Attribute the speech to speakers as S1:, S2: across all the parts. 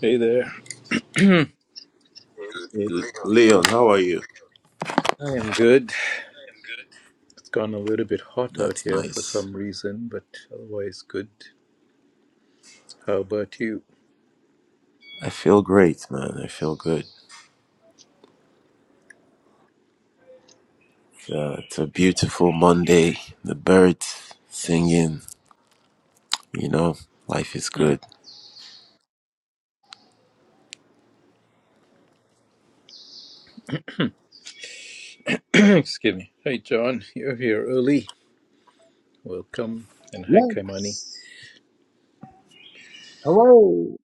S1: Hey there.
S2: Hey, Leon, how are you?
S1: I am good. It's gone a little bit hot out
S2: That's
S1: here for
S2: nice.
S1: some reason, but otherwise good. How about you?
S2: I feel great, man. I feel good. Uh, it's a beautiful Monday. The birds singing, you know, life is
S1: Hmm.
S2: good.
S1: Excuse me. Hey, John. You're here early. Welcome. And hi, Kaimani.
S3: Yes. Hello.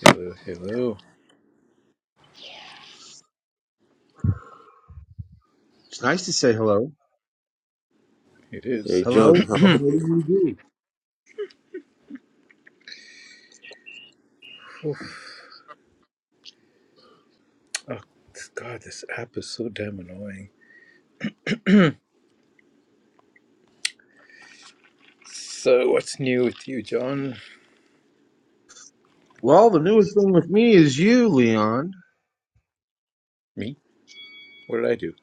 S1: Hello, hello.
S3: It's nice to say hello.
S1: It
S2: Hey,
S1: is.
S2: John,
S3: Hello,
S2: how
S3: and
S2: are
S3: how do
S2: you?
S3: you do?
S1: Oof. Oh, this- God, this app is so damn annoying. So, what's new with you, John?
S3: Well, the newest thing with me is you, Leon.
S1: Me? What did I do?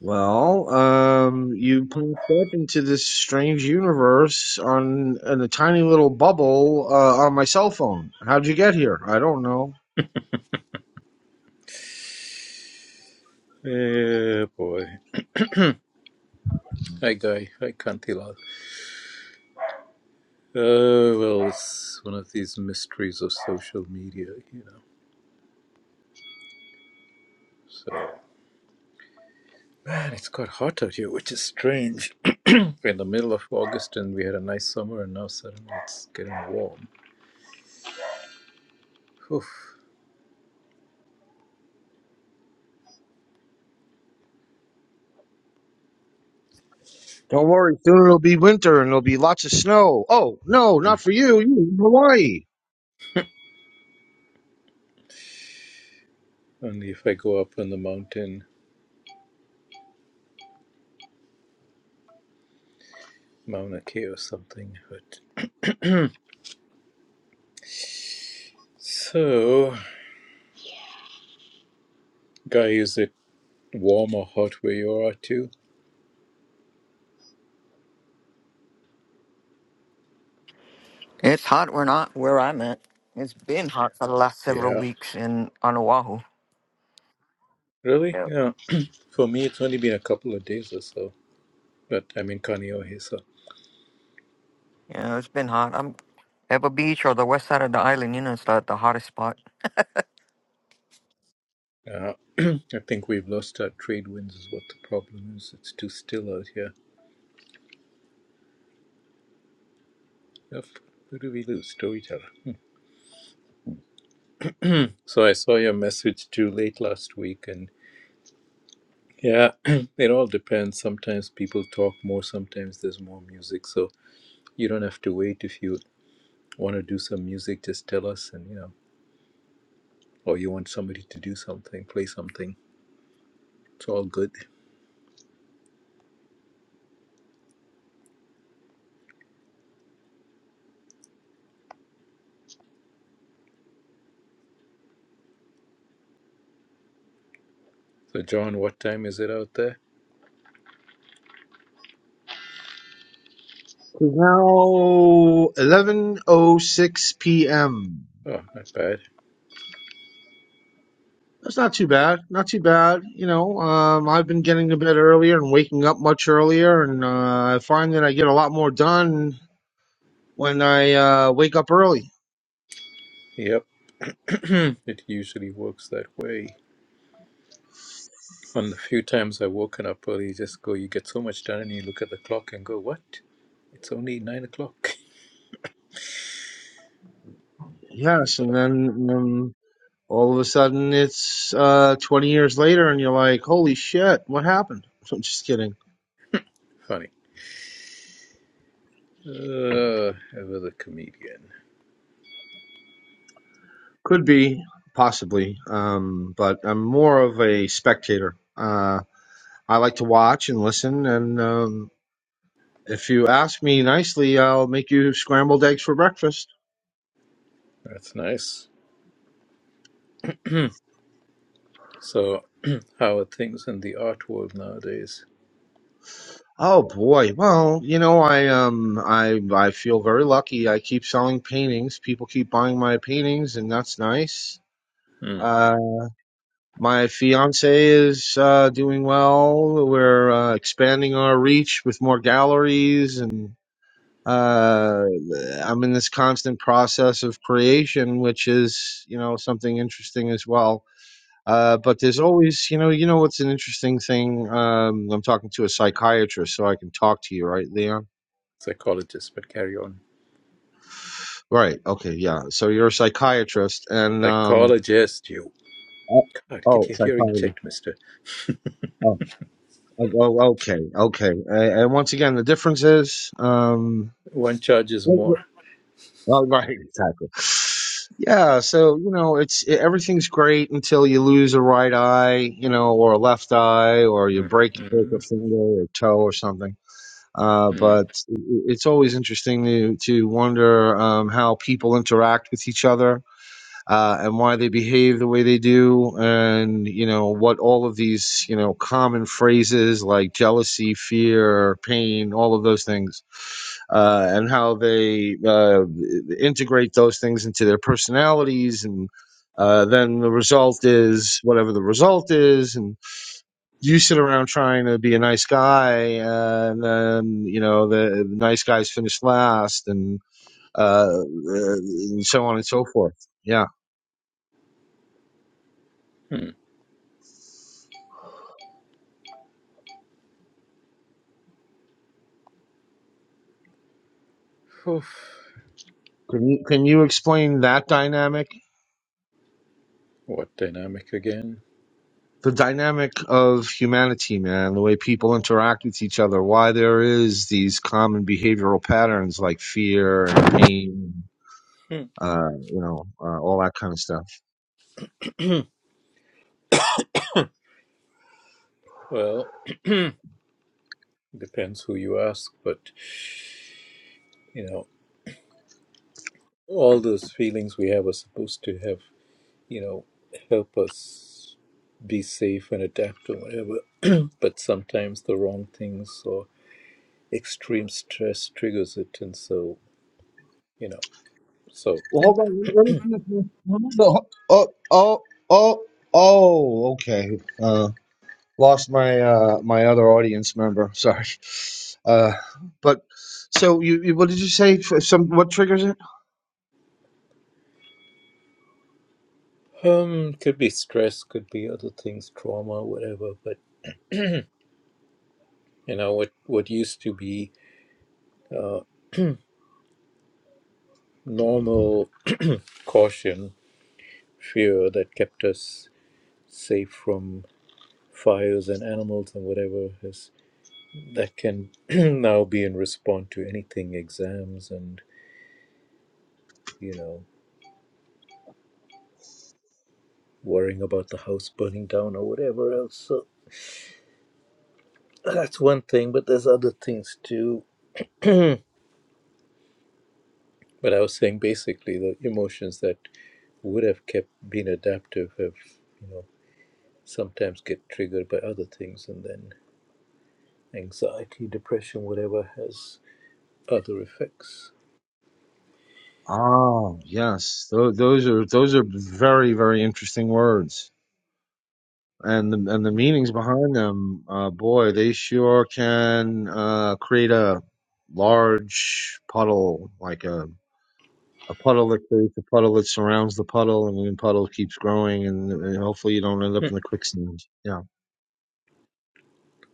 S3: Well, um, you popped up into this strange universe on in a tiny little bubble uh, on my cell phone. How'd you get here? I don't know.
S1: Eh, boy. Hi, Guy. Hi, Kantila. Oh, well, it's one of these mysteries of social media, you know. So, man, it's quite hot out here, which is strange. We're in the middle of August and we had a nice summer, and now suddenly it's getting warm. Whew.
S3: Don't worry, soon it'll be winter and there'll be lots of snow. Oh no, not for you. You're in Hawaii.
S1: Only if I go up on the mountain, Mauna Kea or something. But so, guy, is it warm or hot where you are too?
S4: It's hot. We're not where I'm at. It's been hot for the last several
S1: Yeah.
S4: weeks in on Oahu.
S1: Really?
S4: Yep.
S1: Yeah. For me, it's only been a couple of days or so. But I'm in Kaneohe, so
S4: Yeah, it's been hot. I'm Pebble Beach or the west side of the island. You know, it's the, the hottest spot.
S1: Uh, I think we've lost our trade winds, is what the problem is. It's too still out here. Yep. Who do we lose? Storyteller. So I saw your message too late last week, and yeah, it all depends. Sometimes people talk more, sometimes there's more music. So you don't have to wait. If you want to do some music, just tell us, and you know, or you want somebody to do something, play something. It's all good. So, John, what time is it out there?
S3: It's now 11:06 p.m.
S1: Oh, not bad.
S3: That's not too bad. Not too bad. You know, um, I've been getting to bed earlier and waking up much earlier, and uh, I find that I get a lot more done when I uh, wake up early.
S1: Yep. it usually works that way. And the few times I've woken up early, you just go, you get so much done, and you look at the clock and go, what? It's only nine o'clock.
S3: Yes,
S1: So
S3: and then um, all of a sudden it's uh, 20 years later, and you're like, holy shit, what happened? I'm just kidding.
S1: funny. Uh, ever the comedian.
S3: Could be, possibly, um, but I'm more of a spectator. Uh, I like to watch and listen, and um, if you ask me nicely, I'll make you scrambled eggs for breakfast.
S1: That's nice. So, how are things in the art world nowadays?
S3: Oh boy. Well, you know, I um I I feel very lucky. I keep selling paintings. People keep buying my paintings and that's nice.
S1: Hmm.
S3: Uh my fiance is uh doing well. We're uh, expanding our reach with more galleries and uh I'm in this constant process of creation which is, you know, something interesting as well. Uh, but there's always, you know, you know what's an interesting thing. Um, I'm talking to a psychiatrist, so I can talk to you, right, Leon?
S1: Psychologist, but carry on.
S3: Right. Okay. Yeah. So you're a psychiatrist, and um.
S1: Psychologist, you.
S3: Oh,
S1: God, get
S3: oh,
S1: your hearing
S3: psychologist.
S1: checked, mister.
S3: Oh. Oh. oh, Okay. Okay. And, and once again, the difference is um.
S1: One charges
S3: Well, well,
S1: more.
S3: well, right. Exactly. Yeah. So you know, it's it, everything's great until you lose a right eye, you know, or a left eye, or you break you break
S1: Mm-hmm.
S3: a finger or toe or something. Uh, but it- it's always interesting to to wonder um, how people interact with each other uh, and why they behave the way they do, and you know what all of these you know common phrases like jealousy, fear, pain, all of those things, uh, and how they uh, integrate those things into their personalities, and uh, then the result is whatever the result is, and you sit around trying to be a nice guy, and then you know the, the nice guys finish last, and uh, uh, and so on and so forth. Yeah.
S1: Mm-hmm.
S3: Can you, can you explain that dynamic?
S1: What dynamic again?
S3: The dynamic of humanity, man, the way people interact with each other, why there is these common behavioral patterns like fear and pain,
S1: Hmm.
S3: uh, you know, uh, all that kind of stuff.
S1: Well, depends who you ask, but you know, all those feelings we have are supposed to have, you know, help us be safe and adapt or whatever. But sometimes the wrong things or extreme stress triggers it, and so you know, so
S3: Well, hold on. Let me let me see if this. no, ho- Oh, oh, oh, oh, okay. lost my uh my other audience member sorry uh but so you, you what did you say for some what triggers it
S1: um, could be stress, could be other things, trauma, whatever. But you know, what what used to be uh, normal caution, fear that kept us safe from fires and animals and whatever has. that can now be in response to anything exams and you know worrying about the house burning down or whatever else so that's one thing but there's other things too but i was saying basically the emotions that would have kept being adaptive have you know sometimes get triggered by other things and then anxiety depression whatever has other effects
S3: oh yes Tho- those are those are very very interesting words and the, and the
S1: Mm.
S3: meanings behind them uh boy they sure can uh create a large puddle like a a puddle that creates a puddle that surrounds the puddle, and the puddle keeps growing, and, and hopefully you don't end up in
S1: Hmm.
S3: the quicksand. Yeah,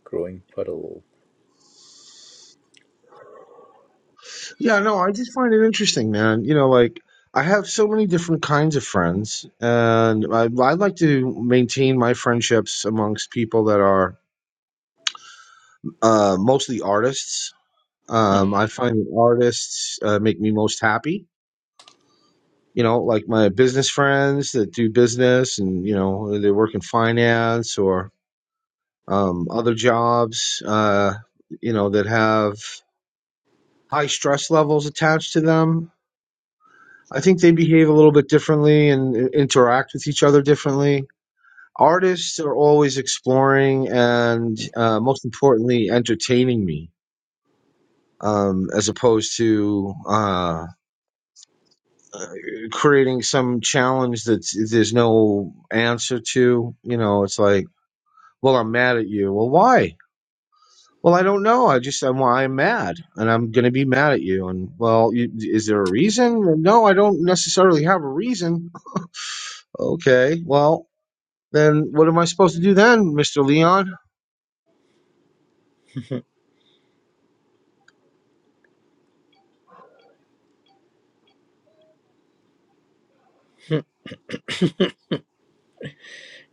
S1: growing puddle
S3: yeah, no, I just find it interesting, man. You know, like I have so many different kinds of friends, and I, I like to maintain my friendships amongst people that are uh, mostly artists.
S1: Hmm.
S3: Um, I find that artists uh, make me most happy. You know, like my business friends that do business, and you know they work in finance or um, other jobs, uh, you know, that have high stress levels attached to them. I think they behave a little bit differently and i- interact with each other differently. Artists are always exploring and, uh, most importantly, entertaining me, um, as opposed to uh, creating some challenge that there's no answer to. You know, it's like, well, I'm mad at you. Well, why? Well, I don't know. I just I'm well, I'm mad, and I'm gonna be mad at you. And well, you, is there a reason? Well, No, I don't necessarily have a reason. Okay, well then, what am I supposed to do then, Mister Leon?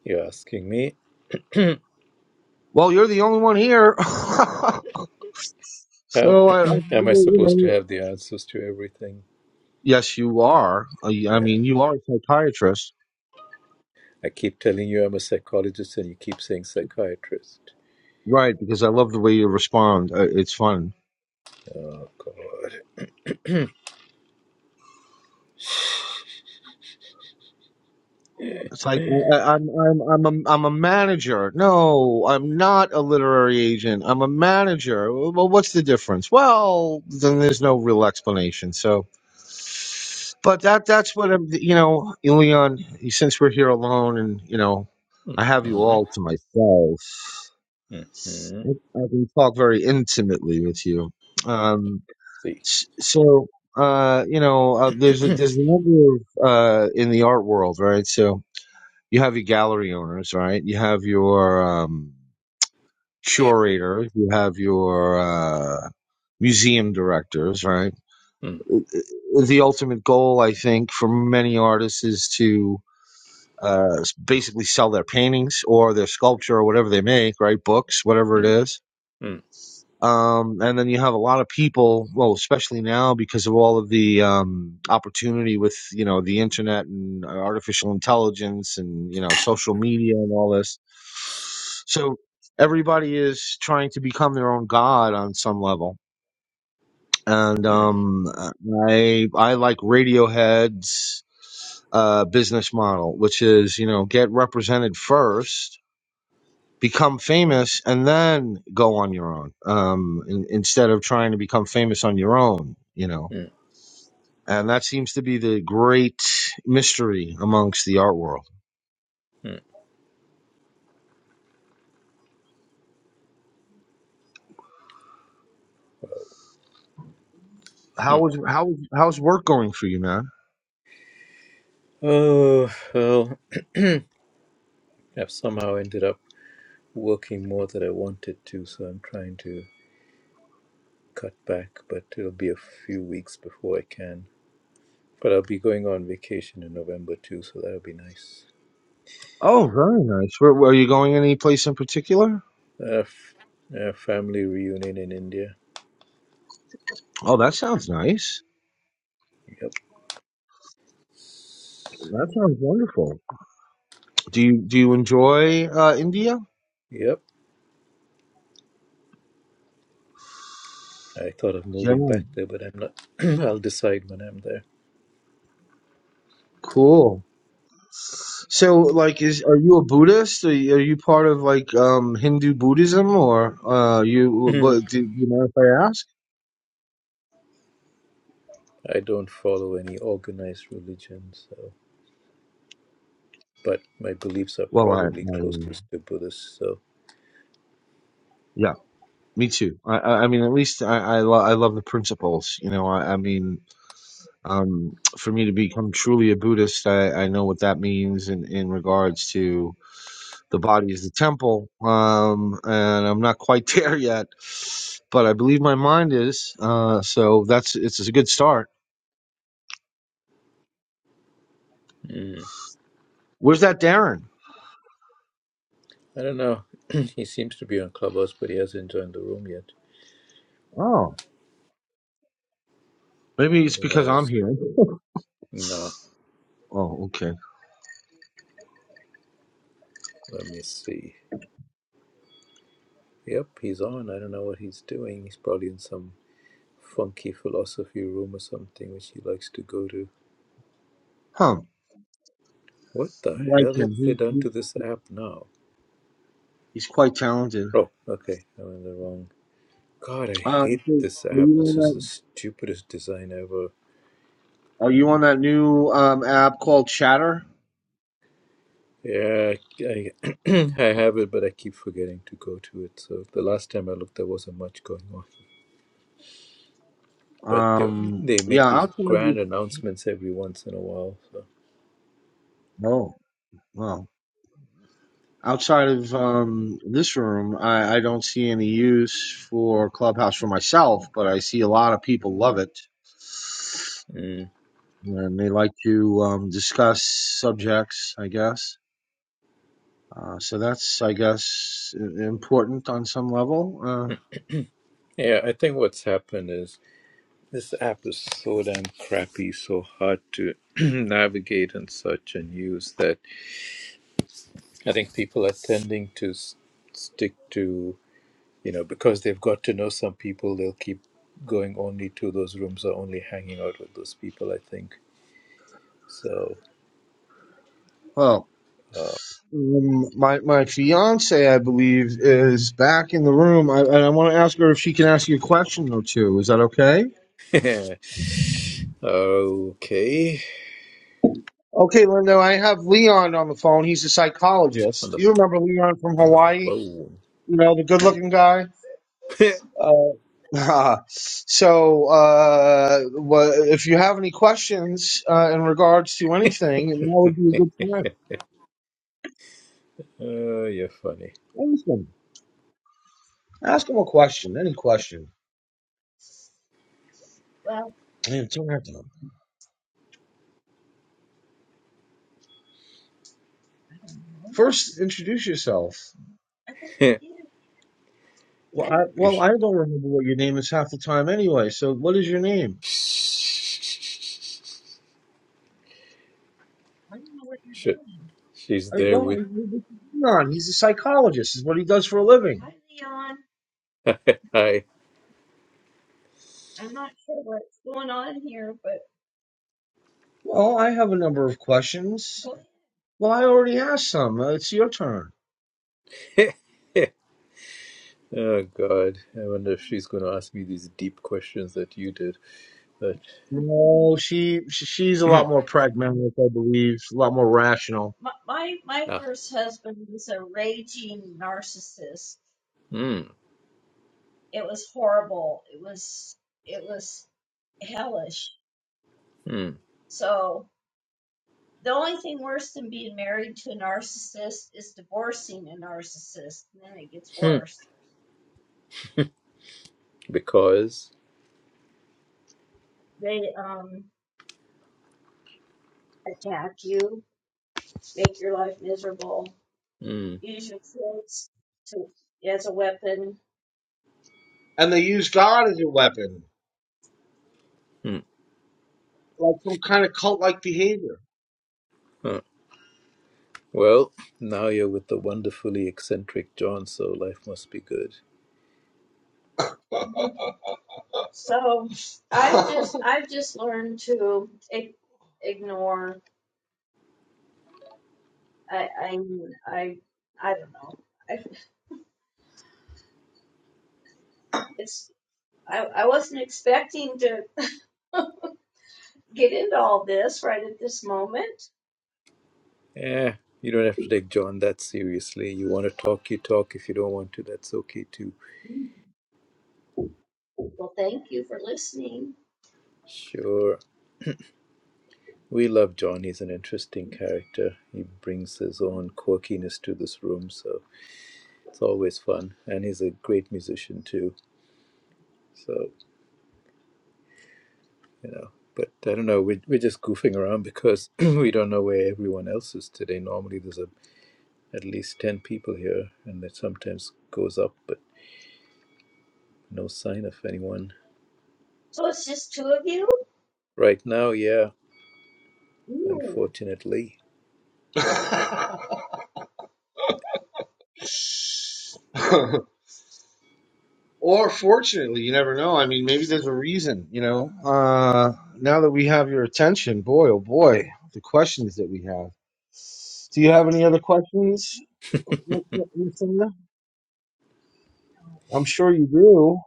S1: you're asking me
S3: Well, you're the only one here,
S1: How
S3: so I, I figure,
S1: am I
S3: you
S1: supposed to
S3: know.
S1: have the answers to everything?
S3: Yes, you are. I, I
S1: Yeah.
S3: mean, you are a psychiatrist,
S1: I keep telling you I'm a psychologist, and you keep saying psychiatrist.
S3: right? Because I love the way you respond. Uh, It's fun.
S1: Oh God.
S3: It's like I- I- am I'm I'm a I'm a manager. No, I'm not a literary agent. I'm a manager. Well, what's the difference? Well, then there's no real explanation. So, but that that's what I'm. You know, Leon. Since we're here alone, and you know, I have you all
S1: Mm-hmm.
S3: to myself.
S1: Mm-hmm.
S3: I can talk very intimately with you. Um,
S1: See.
S3: s- so. Uh, you know, uh, there's a, there's a number of uh in the art world, right? So, you have your gallery owners, right? You have your um, curator, you have your uh, museum directors, right?
S1: Mm,
S3: The ultimate goal, I think, for many artists is to uh, basically sell their paintings or their sculpture or whatever they make, right? Books, whatever it
S1: mm,
S3: is
S1: mm,
S3: Um, and then you have a lot of people, well, especially now because of all of the um, opportunity with you know the internet and artificial intelligence and you know social media and all this. So everybody is trying to become their own god on some level. And
S1: mm,
S3: um, I I like Radiohead's uh, business model, which is you know get represented first become famous and then go on your own um, in, instead of trying to become famous on your own you know
S1: mm,
S3: and that seems to be the great mystery amongst the art world
S1: mm, mm.
S3: how is how how's work going for you man
S1: Oh well, I've somehow ended up working more than I wanted to, so I'm trying to cut back. But it'll be a few weeks before I can. But I'll be going on vacation in November too, so that'll be nice.
S3: oh very nice Where, where- are you going any place in particular
S1: A, f- a family reunion in India.
S3: oh that sounds nice
S1: Yep.
S3: that sounds wonderful do you do you enjoy uh, india
S1: Yep. I thought of
S3: yeah
S1: moving back there, but I'm not. I'll decide when I'm there.
S3: cool So, like, is are you a Buddhist? Are you, are you part of like um Hindu Buddhism, or uh you?
S1: Mhm.
S3: But do, do you mind if I ask?
S1: I don't follow any organized religion, so. But my beliefs are
S3: Well, I,
S1: probably
S3: I
S1: closest to Buddhist, so.
S3: yeah, me too. I, I I mean, at least I I, lo- I love the principles. You know, I, I mean, um, for me to become truly a Buddhist, I, I know what that means in in regards to the body is the temple. Um, and I'm not quite there yet, but I believe my mind is. Uh, so that's it's a good start.
S1: Mm.
S3: Where's that Darren?
S1: I don't know. he seems to be on Clubhouse, but he hasn't joined the room yet.
S3: Oh, maybe it's
S1: Who
S3: because I'm
S1: knows?
S3: here.
S1: No.
S3: Oh, okay.
S1: Let me see. Yep, he's on. I don't know what he's doing. He's probably in some funky philosophy room or something, which he likes to go to.
S3: Huh.
S1: What the
S3: I like
S1: hell have
S3: him.
S1: they
S3: He,
S1: done
S3: he,
S1: to this app now?
S3: he's quite talented.
S1: Oh, okay. I'm in the wrong. God, I
S3: Um,
S1: hate
S3: so
S1: this
S3: are
S1: app.
S3: you
S1: This
S3: on
S1: is the
S3: that?
S1: stupidest design ever.
S3: Are you on that new um app called Chatter?
S1: Yeah, I, I have it, but I keep forgetting to go to it. So the last time I looked, there wasn't much going on. But they,
S3: Um,
S1: they make
S3: yeah.
S1: these
S3: Outside of
S1: grand announcements every once in a while. So.
S3: oh, well, outside of um this room, I, I don't see any use for Clubhouse for myself, but I see a lot of people love it.
S1: Mm.
S3: And they like to um, discuss subjects, I guess. Uh, so that's, I guess, important on some level. Uh,
S1: Yeah, I think what's happened is this app is so damn crappy, so hard to navigate and such and use that I think people are tending to s- stick to, you know, because they've got to know some people, they'll keep going only to those rooms or only hanging out with those people, I think. So,
S3: well,
S1: uh,
S3: um, my my fiance, I believe, is back in the room, I, and I want to ask her if she can ask you a question or two. Is that okay?
S1: okay.
S3: Okay, Linda, I have Leon on the phone. He's a
S1: On
S3: psychologist.
S1: the,
S3: You remember Leon from
S1: on the
S3: Hawaii?
S1: phone.
S3: You know, the good-looking guy. Uh, so, uh, wha- if you have any questions uh, in regards to anything, now would be a good time.
S1: uh, you're funny.
S3: Awesome. Ask him a question, any question. Man, don't have to. First, introduce yourself. Well, I,
S1: You
S3: well,
S1: sh-
S3: I don't remember what your name is half the time anyway. So, what is your name?
S1: Shit, she's
S3: I,
S1: there with.
S3: well, Leon. He's a psychologist. Is what he does for a living. Hi, Leon.
S1: Hi.
S3: Well, I have a number of questions. Well, I already asked some. Uh, it's your turn.
S1: oh, God. I wonder if she's going to ask me these deep questions that you did. But.
S3: No, she sh- she's a lot more pragmatic, I believe, a lot more rational.
S1: Ah, mm, mm, hmm. Because, mm,
S3: And they use God as a weapon,
S1: mm,
S3: like some kind of cult-like behavior.
S1: huh. well, now you're with the wonderfully eccentric John, so life must be good. Eh, you don't have to take John that seriously. You want to talk, you talk. If you don't want to, that's okay too. Sure. We love John. He's an interesting character. He brings his own quirkiness to this room, so it's always fun. And he's a great musician too. So. you know. But I don't know. We're, we're just goofing around because we don't know where everyone else is today. Normally, there's a, at least 10 people here, and it sometimes goes up, but no sign of anyone. Right now, yeah, unfortunately.
S3: or fortunately, you never know. I mean, maybe there's a reason, you know. Uh, now that we have your attention, boy, oh boy, the questions that we have. Do you have any other questions, M- M- Miss Linda? I'm sure you do.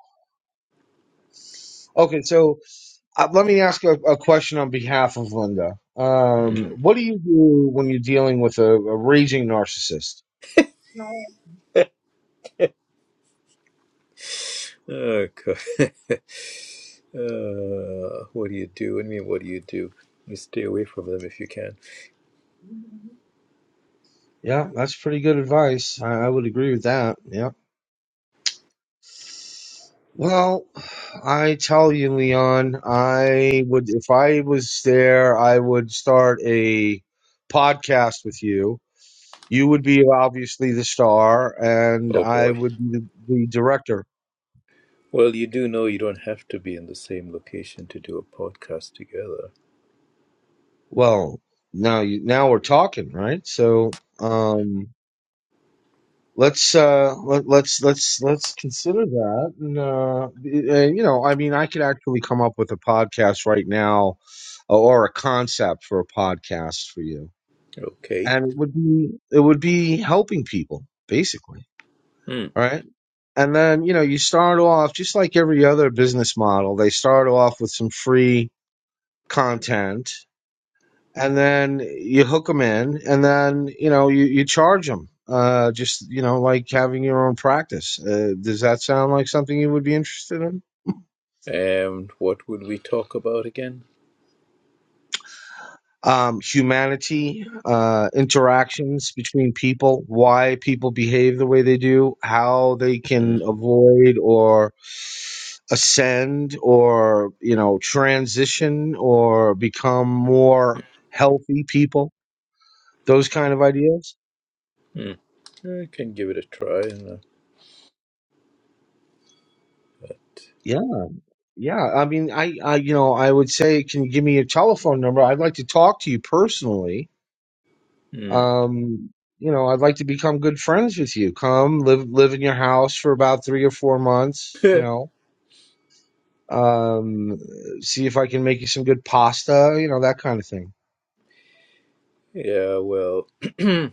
S3: Okay, so uh, let me ask a, a question on behalf of Linda. Um,
S1: Hmm.
S3: what do you do when you're dealing with a, a raging narcissist?
S1: Oh, God. uh, what do you do? I mean, what do you do? You stay away from them if you can.
S3: Yeah, that's pretty good advice. I, I would agree with that. Yeah. Well, I tell you, Leon, I would, if I was there, I would start a podcast with you. You would be obviously the star, and
S1: Oh,
S3: I
S1: boy.
S3: would be the, the director.
S1: Well, you do know you don't have to be in the same location to do a podcast together.
S3: Well, now you, now we're talking, right? So, um, let's uh let, let's let's let's consider that and uh and, you know i mean i could actually come up with a podcast right now uh, or a concept for a podcast for you
S1: Okay.
S3: and it would be it would be helping people basically
S1: Hmm.
S3: right and then you know you start off just like every other business model they start off with some free content and then you hook them in, and then you know you you charge them. Uh, just you know, like having your own practice. Uh, does that sound like something you would be interested in?
S1: And what would we talk about again?
S3: Um, humanity, uh, interactions between people, why people behave the way they do, how they can
S1: Mm,
S3: avoid or ascend or you know transition or become more healthy people. Those kind of ideas.
S1: mm. I can give it a try. and, uh,
S3: Yeah. Yeah, I mean, I, I, you know, I would say, can you give me your telephone number? I'd like to talk to you personally.
S1: Mm.
S3: Um, you know, I'd like to become good friends with you. Come live, live in your house for about three or four months. You know, um, see if I can make you some good pasta. You know, that kind of thing.
S1: yeah, well,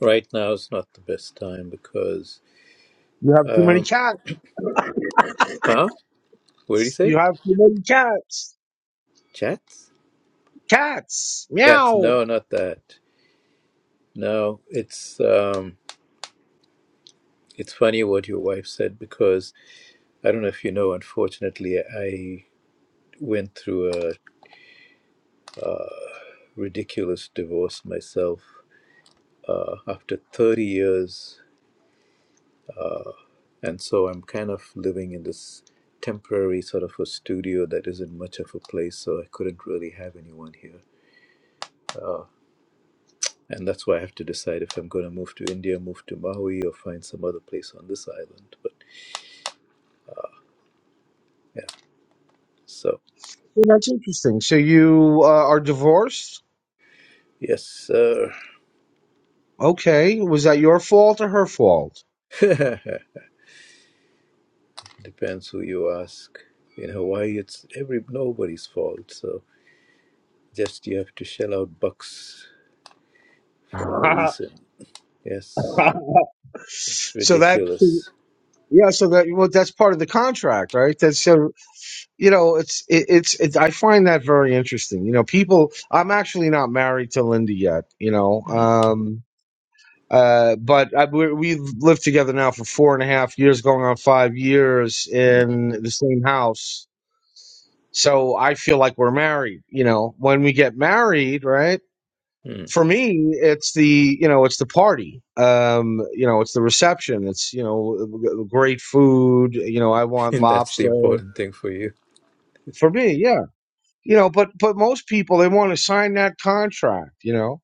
S1: right now is not the best time because,
S3: You have too many
S1: um,
S3: cats.
S1: huh? What did he say?
S3: You have too many cats.
S1: Chats?
S3: Cats,
S1: Cats?
S3: meow.
S1: No, not that. No, it's um, it's funny what your wife said because I don't know if you know. Unfortunately, I went through a ridiculous divorce myself uh, after 30 years and so I'm kind of living in this temporary sort of a studio that isn't much of a place, so I couldn't really have anyone here. And that's why I have to decide if I'm going to move to India, move to Maui, or find some other place on this island. But yeah, so
S3: Well, that's interesting. So you uh, are divorced?
S1: yes, sir.
S3: Okay. Was that your fault or her fault?
S1: Depends who you ask. In Hawaii, it's every nobody's fault. So just you have to shell out bucks for no reason. Yes, it's
S3: So that
S1: ridiculous.
S3: yeah, so that well, that's part of the contract, right? That's so you know, it's it, it's it, I find that very interesting. You know, people. I'm actually not married to Linda yet. You know,
S1: Mm,
S3: um, uh, but I, we, we've lived together now for four and a half years, going on five years
S1: mm,
S3: in the same house. So I feel like we're married. You know, when we get married, right?
S1: mm.
S3: for me it's the you know it's the party um you know it's the reception it's you know great food you know i want
S1: And that's the
S3: lobster
S1: important thing for you.
S3: for me yeah you know but but most people they want to sign that contract you know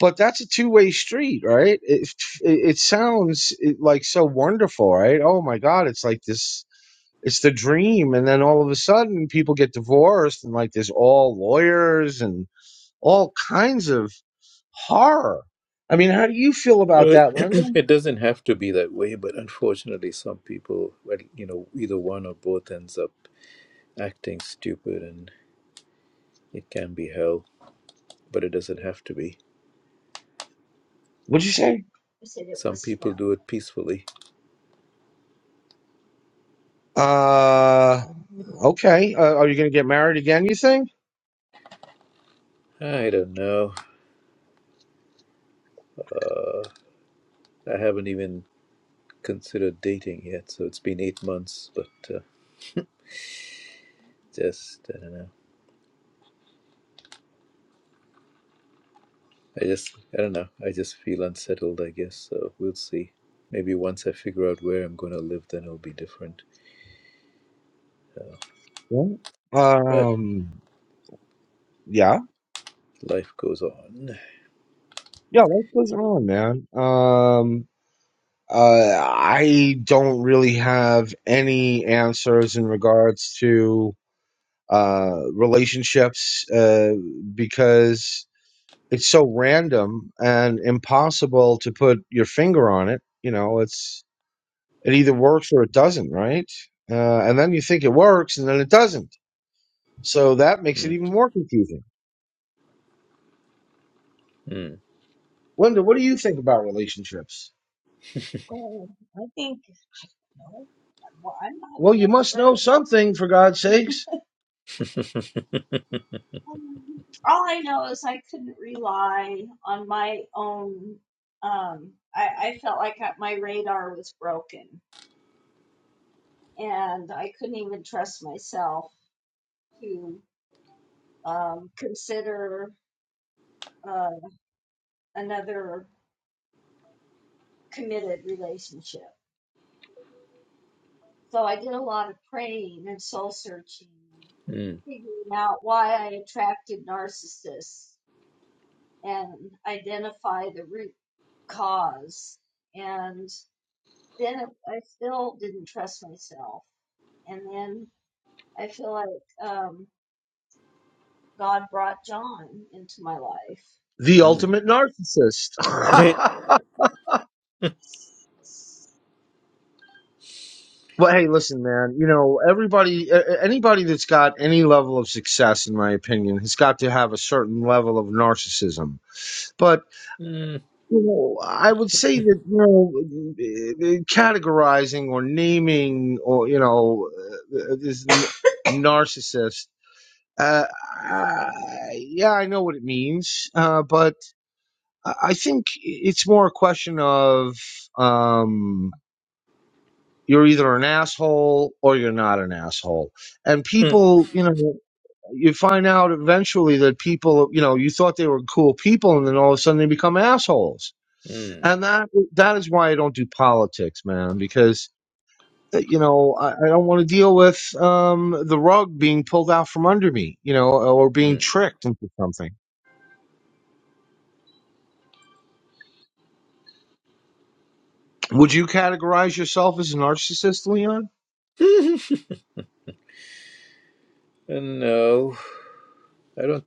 S3: but that's a two-way street right it, it, it sounds it, like so wonderful right oh my god it's like this it's the dream and then all of a sudden people get divorced and like there's all lawyers and all kinds of horror. I mean, how do you feel about
S1: Well,
S3: that, Linda?
S1: it doesn't have to be that way, but unfortunately, some people, well, you know, either one or both ends up acting stupid, and it can be hell, but it doesn't have to be.
S3: What'd you say?
S1: Some people do it peacefully.
S3: Uh, okay. Uh, are you going to get married again? You think?
S1: I don't know. I haven't even considered dating yet, so it's been eight months, but uh, just, I don't know. I just, I don't know. I just feel unsettled, I guess, so we'll see. Maybe once I figure out where I'm going to live, then it'll be different.
S3: Yeah.
S1: But
S3: Um, yeah,
S1: life goes on.
S3: yeah. Life goes on, man. Um, uh, I don't really have any answers in regards to uh relationships uh because it's so random and impossible to put your finger on it you know it's It either works or it doesn't, right? Uh, and then you think it works and then it doesn't. So that makes it
S1: Mm.
S3: even more confusing.
S1: Mm.
S3: Linda, what do you think about relationships? Well, you sure. must know something, for God's sakes.
S1: Mm,
S3: The
S1: mm.
S3: ultimate narcissist. well, hey, listen, man. You know, everybody, a- anybody that's got any level of success, in my opinion, has got to have a certain level of narcissism. But.
S1: Mm,
S3: you know, I would say that you know, uh, uh, categorizing or naming or you know uh, uh, this n- narcissist. Uh, I- yeah, I know what it means, uh, but I I think it's more a question of um, you're either an asshole or you're not an asshole, and
S1: mm,
S3: people, you know. You find out eventually that people, you know, you thought they were cool people, and then all of a sudden they become assholes
S1: mm,
S3: and that that is why I don't do politics, man, because uh, you know I, I don't want to deal with um, the rug being pulled out from under me, you know, or being
S1: mm.
S3: tricked into something. Would you categorize yourself as a narcissist, Leon?
S1: And no, I don't.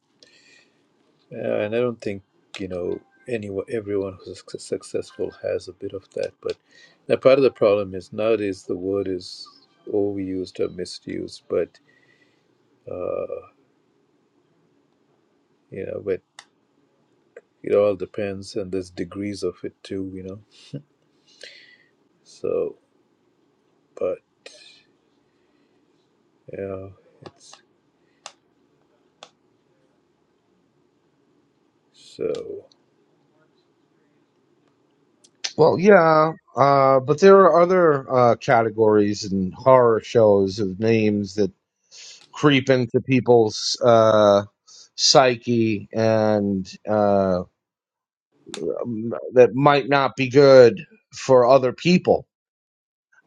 S1: Uh, and I don't think you know anyone. Everyone who's suc- successful has a bit of that. But now part of the problem is nowadays the word is overused or misused. But uh, you know, but it all depends, and there's degrees of it too. You know. So, but yeah, it's so.
S3: Well, yeah, uh, but there are other uh, categories and horror shows of names that creep into people's uh, psyche and uh, m- that might not be good for other people.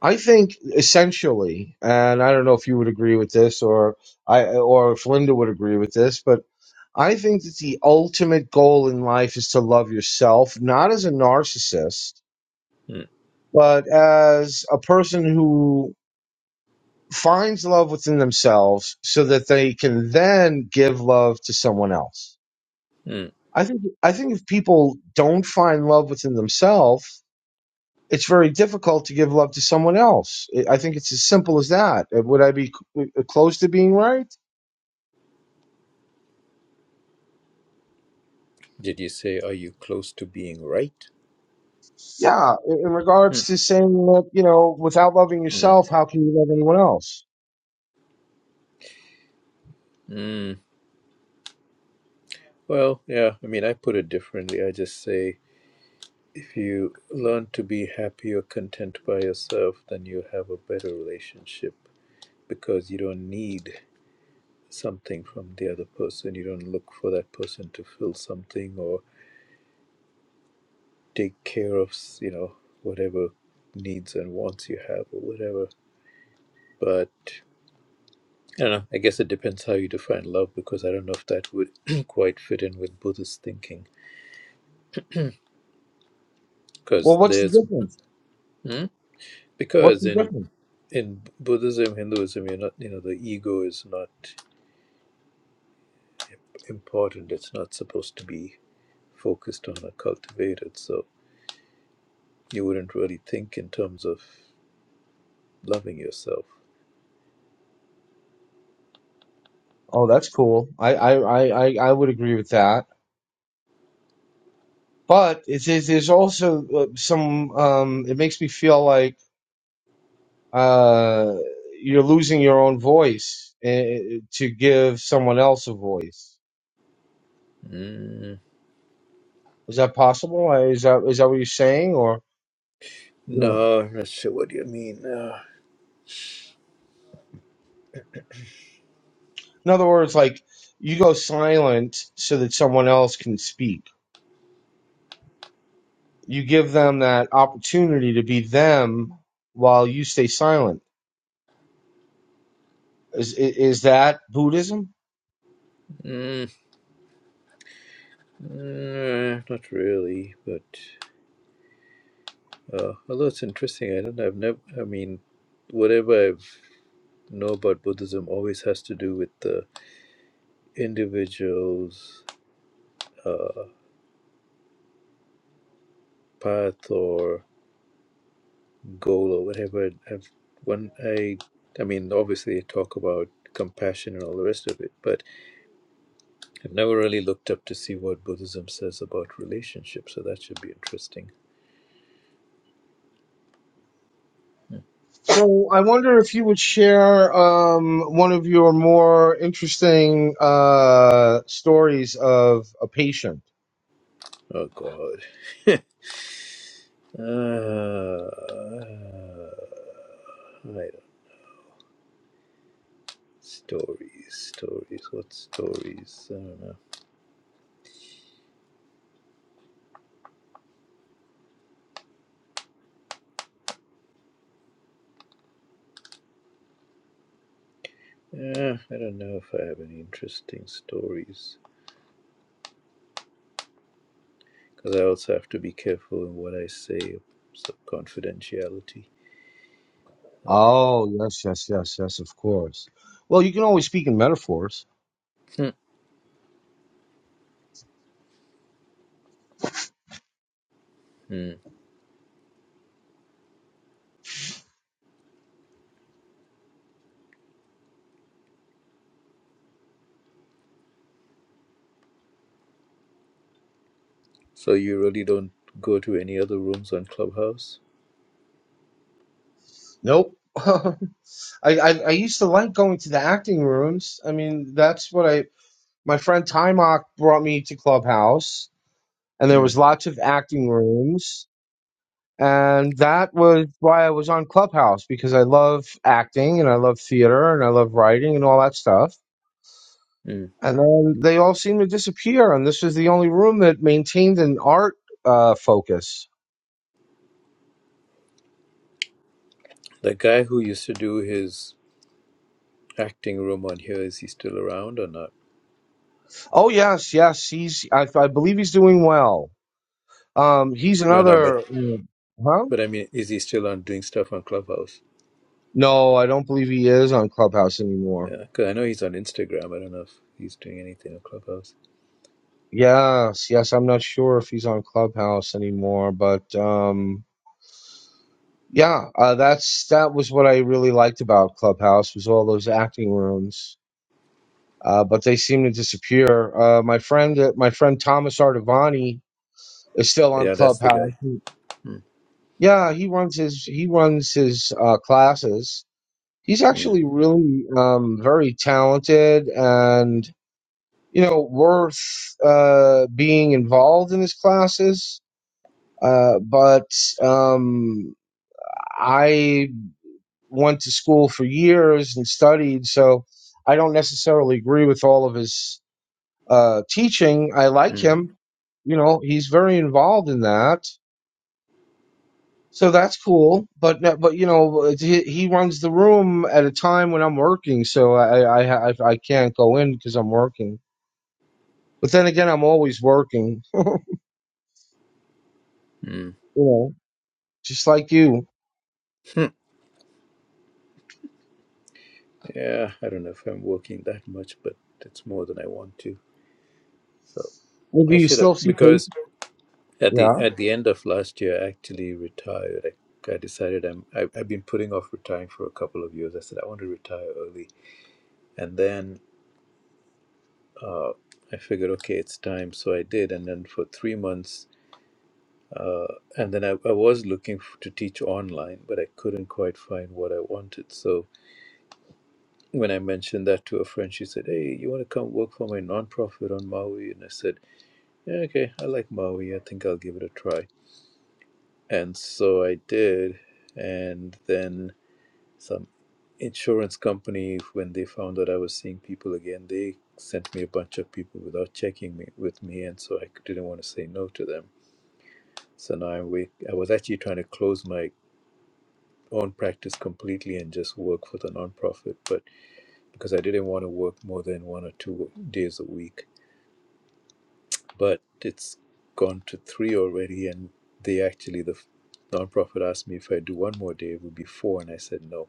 S3: I think essentially, and I don't know if you would agree with this, or I, or if Linda would agree with this, but I think that the ultimate goal in life is to love yourself, not as a narcissist
S1: Mm,
S3: but as a person who finds love within themselves so that they can then give love to someone else.
S1: mm.
S3: I think I think if people don't find love within themselves, it's very difficult to give love to someone else. I I think it's as simple as that. Uh, Would I be c- uh, uh, close to being right?
S1: Did you say, are you close to being right?
S3: Yeah, in in regards
S1: Mm,
S3: to saying that, you know, without loving
S1: mm,
S3: yourself, how can you love anyone else?
S1: mm. Well, yeah, I mean, I put it differently. I just say, if you learn to be happy or content by yourself, then you have a better relationship because you don't need something from the other person. You don't look for that person to fill something or take care of, you know, whatever needs and wants you have or whatever. But I don't know. I guess it depends how you define love, because I don't know if that would quite fit in with Buddhist thinking.
S3: Well,
S1: Because
S3: what's the
S1: there's
S3: difference?
S1: Hmm?
S3: What's
S1: because
S3: the
S1: in
S3: difference?
S1: in Buddhism, Hinduism, you're not you know the ego is not important. It's not supposed to be focused on or cultivated. So you wouldn't really think in terms of loving yourself.
S3: Oh, that's cool. I I I I I would agree with that but it is there's also uh, some um it makes me feel like uh you're losing your own voice eh, to give someone else a voice
S1: Mm.
S3: is that possible Uh, is that is that what you're saying or you know
S1: No, I'm not sure what you mean. Uh,
S3: in other words like you go silent so that someone else can speak you give them that opportunity to be them while you stay silent is i- is that buddhism
S1: mm, uh, not really, but. Uh, although it's interesting, I don't. I've never. I mean, whatever I know about Buddhism always has to do with the individual's uh, path or goal or whatever. I've, when I, I mean, obviously, I talk about compassion and all the rest of it, but I've never really looked up to see what Buddhism says about relationships. So that should be interesting.
S3: So I wonder if you would share um, one of your more interesting uh, stories of a patient.
S1: Oh God. Ah, I Stories, stories. What stories? I don't know. Yeah, I don't know if I have any interesting stories because I also have to be careful in what I say. So confidentiality.
S3: Oh yes, yes, yes, yes, of course. Well, you can always speak in metaphors.
S1: Hmm. Hmm. So you really don't go to any other rooms on Clubhouse?
S3: Nope. I, I I used to like going to the acting rooms. I mean, that's what I. My friend Timok brought me to Clubhouse, and there
S1: Hmm.
S3: was lots of acting rooms. and that was why I was on Clubhouse because I love acting and I love theater and I love writing and all that stuff.
S1: Hmm.
S3: And then they all seemed to disappear, and this was the only room that maintained an art uh, focus.
S1: The guy who used to do his acting room on here is he still around or not?
S3: Oh yes, yes, he's I, I believe he's doing well. Um, he's
S1: No, no. But
S3: another, uh, huh?
S1: but I mean, is he still on doing stuff on Clubhouse?
S3: No, I don't believe he is on Clubhouse anymore.
S1: Yeah, because I know he's on Instagram. I don't know if he's doing anything on Clubhouse.
S3: Yes, yes, I'm not sure if he's on Clubhouse anymore, but um, Yeah, uh, that's that was what I really liked about Clubhouse was all those acting rooms, uh, but they seem to disappear. Uh, my friend, uh, my friend Thomas Artivani is still on
S1: Yeah, that's the
S3: Clubhouse.
S1: guy. Mm,
S3: Yeah, he runs his he runs his uh, classes. He's
S1: mm,
S3: actually really um, very talented and you know worth uh, being involved in his classes. Uh, but um, I went to school for years and studied, so I don't necessarily agree with all of his uh, teaching. I like
S1: mm,
S3: him, you know, he's very involved in that, so that's cool. But no- but you know, he, he runs the room at a time when I'm working, so I I I, I can't go in because I'm working. But then again, I'm always working,
S1: mm.
S3: you know, just like you.
S1: Hmm. Yeah, I don't know if I'm working that much, but it's more than I want to. So I
S3: Maybe you
S1: should have
S3: still see people.
S1: because at the
S3: Yeah.
S1: at the end of last year, I actually retired. I, I decided I'm I, I've been putting off retiring for a couple of years. I said I want to retire early, and then uh, I figured, okay, it's time. So I did, and then for three months. Uh, and then I, I was looking f- to teach online, but I couldn't quite find what I wanted. So when I mentioned that to a friend, she said, Hey, you want to come work for my nonprofit on Maui? And I said, yeah, Okay, I like Maui. I think I'll give it a try. And so I did. And then some insurance company, when they found that I was seeing people again, they sent me a bunch of people without checking me with me. And so I didn't want to say no to them. So now I'm wait- I was actually trying to close my own practice completely and just work for the nonprofit, but because I didn't want to work more than one or two days a week but it's gone to three already. And they actually, the nonprofit asked me if I do one more day, it would be four. And I said, no,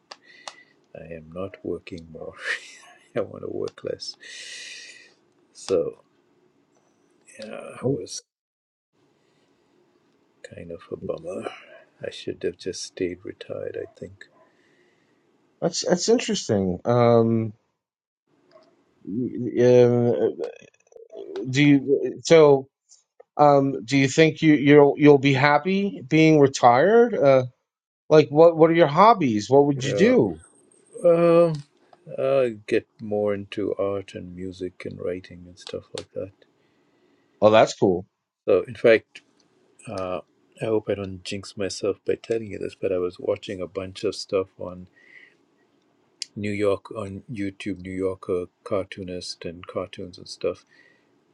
S1: I am not working more. I want to work less. So, yeah, it
S3: Well,
S1: was kind of a bummer. I should have just stayed retired, I think.
S3: That's that's interesting. Um, y- y- uh, do you so? Um, do you think you you'll you'll be happy being retired? Uh, like what what are your hobbies? What would you
S1: Yeah,
S3: do?
S1: um, I'll get more into art and music and writing and stuff like that.
S3: Oh, that's cool.
S1: So, in fact, Uh, I hope I don't jinx myself by telling you this, but I was watching a bunch of stuff on New York on YouTube, New Yorker cartoonist and cartoons and stuff,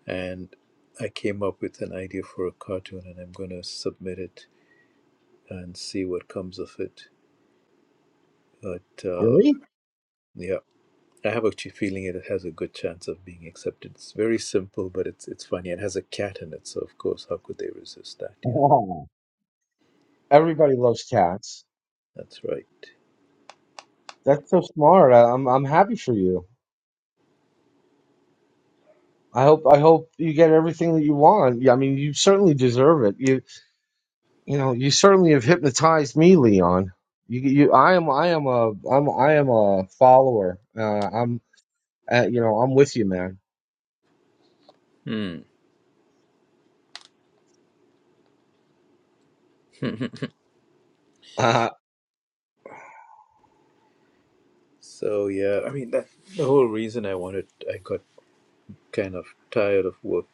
S1: and I came up with an idea for a cartoon, and I'm going to submit it and see what comes of it. But uh,
S3: Really?
S1: yeah, I have a ch- feeling it has a good chance of being accepted. It's very simple, but it's it's funny. It has a cat in it, so of course, how could they resist that? You know,
S3: Wow. Everybody loves cats.
S1: that's right.
S3: That's so smart. I, I'm I'm happy for you. I hope I hope you get everything that you want. Yeah, I mean, you certainly deserve it. You you know you certainly have hypnotized me, Leon. You you I am I am a I'm I am a follower. Uh, I'm uh, you know I'm with you, man. Uh,
S1: So yeah, I mean that the whole reason I wanted I got kind of tired of work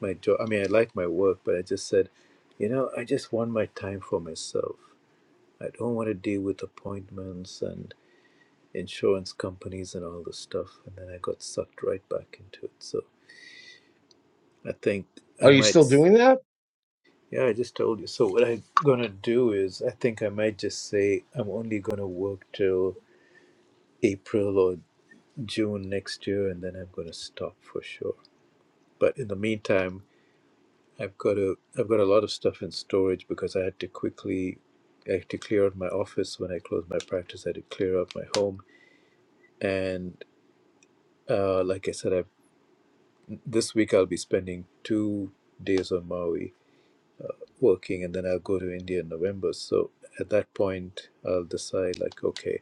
S1: my job. I mean I like my work, but I just said, you know, I just want my time for myself. I don't want to deal with appointments and insurance companies and all this stuff. And then I got sucked right back into it. So I think I
S3: are you
S1: might
S3: still
S1: s-
S3: doing that?
S1: yeah, I just told you. So what I'm gonna do is I think I might just say I'm only gonna work till April or June next year and then I'm gonna stop for sure But in the meantime, I've got a I've got a lot of stuff in storage because I had to quickly I had to clear out my office when I closed my practice. I had to clear out my home, and uh, like I said, I this week I'll be spending two days on Maui working, and then I'll go to India in November. So at that point, I'll decide like, okay,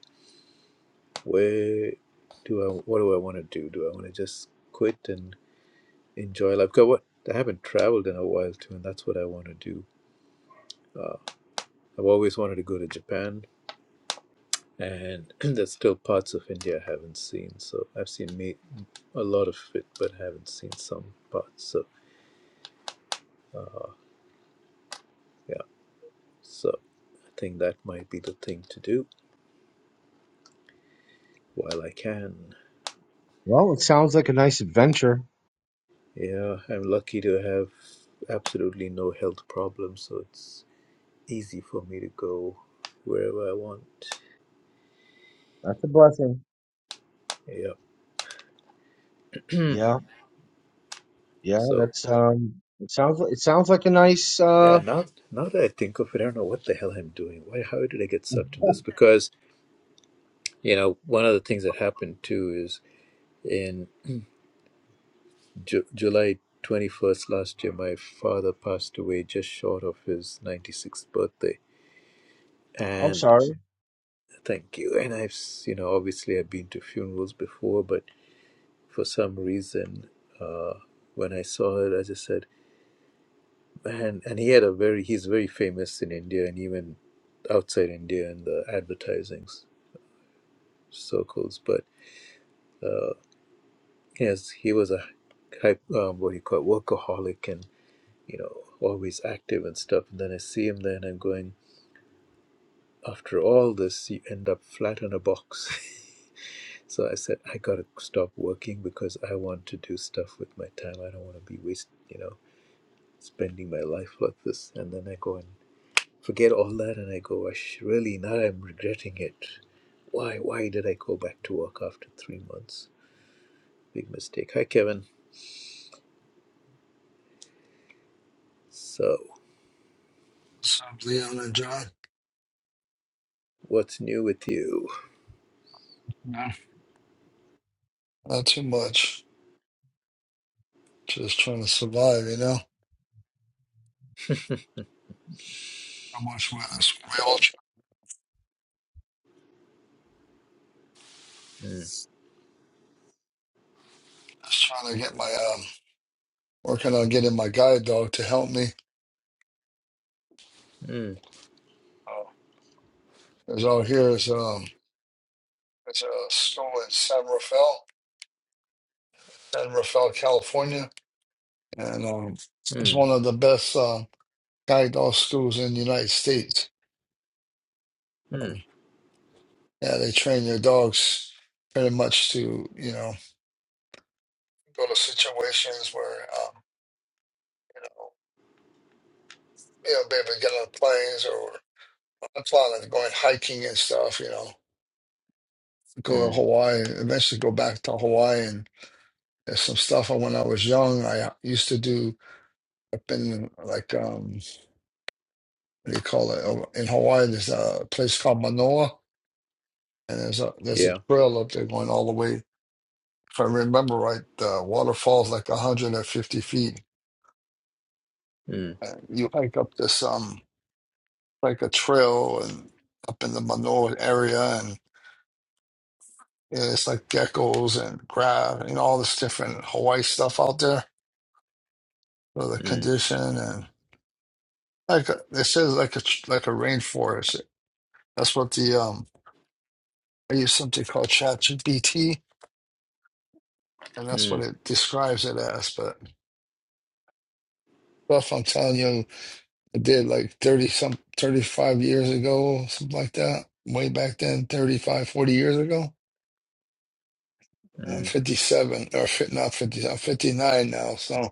S1: where do I what do I want to do? Do I want to just quit and enjoy life? 'Cause what I haven't traveled in a while too, and that's what I want to do Uh, I've always wanted to go to Japan, and there's still parts of India I haven't seen. So I've seen me a lot of it, but haven't seen some parts. So uh, yeah, so I think that might be the thing to do while I can.
S3: Well, it sounds like a nice adventure.
S1: Yeah, I'm lucky to have absolutely no health problems, so it's easy for me to go wherever I want.
S3: That's a blessing.
S1: Yeah,
S3: Yeah, yeah.
S1: so.
S3: That's um. It sounds like it sounds like a nice.
S1: Yeah,
S3: uh
S1: now now that I think of it, I don't know what the hell I'm doing. Why? How did I get sucked into this? Because You know, one of the things that happened too is in Ju- July 21st last year, my father passed away just short of his 96th birthday.
S3: I'm
S1: And
S3: sorry.
S1: thank you. And I've, s- you know, obviously I've been to funerals before, but for some reason, uh, when I saw it, I just said, man, and he had a very, he's very famous in India and even outside India in the advertising s- circles. But uh, yes, he was a, hy- um, what do you call it, workaholic and you know, always active and stuff. And then I see him there and I'm going, after all this, you end up flat on a box. so I said, I got to stop working because I want to do stuff with my time. I don't want to be wasting, you know, spending my life like this. And then I go and forget all that and I go, I sh- really, now I'm regretting it. Why, why did I go back to work after three months? Big mistake. Hi, Kevin. So,
S5: What's up, Leon and John?
S1: what's new with you?
S5: no, Not too much. Just trying to survive, you know. How much witness? We all tr-
S1: Hmm.
S5: just trying to get my um working on getting my guide dog to help me.
S1: Hmm.
S5: Oh, Because out here is um it's a school in San Rafael, San Rafael, California. And um it's
S1: Hmm.
S5: one of the best um guide dog schools in the United States. So
S1: Hmm.
S5: yeah, they train your dogs pretty much to, you know, go to situations where um you know, you know maybe get on planes I'm planning on going hiking and stuff, you know, go to
S1: Hmm.
S5: Hawaii, eventually go back to Hawaii. And there's some stuff I, when I was young, I used to do up in like, um, what do you call it? Oh, In Hawaii, there's a place called Manoa, and there's a there's a
S1: Yeah.
S5: trail up there going all the way. If I remember right, the waterfall's like 150 feet.
S1: Mm,
S5: And you hike up this um like a trail and up in the Manoa area, You know, it's like geckos and crab and you know, all this different Hawaii stuff out there. for the
S1: mm,
S5: condition and like uh, it says, like a tr- like a rainforest. That's what the um I use something called ChatGPT, and that's what
S1: mm,
S5: it describes it as. But stuff I'm telling you, I did like thirty some thirty five years ago, something like that. Way back then, 35, 40 years ago. I'm
S1: mm.
S5: 57 or fit not 50. I'm 59 now. So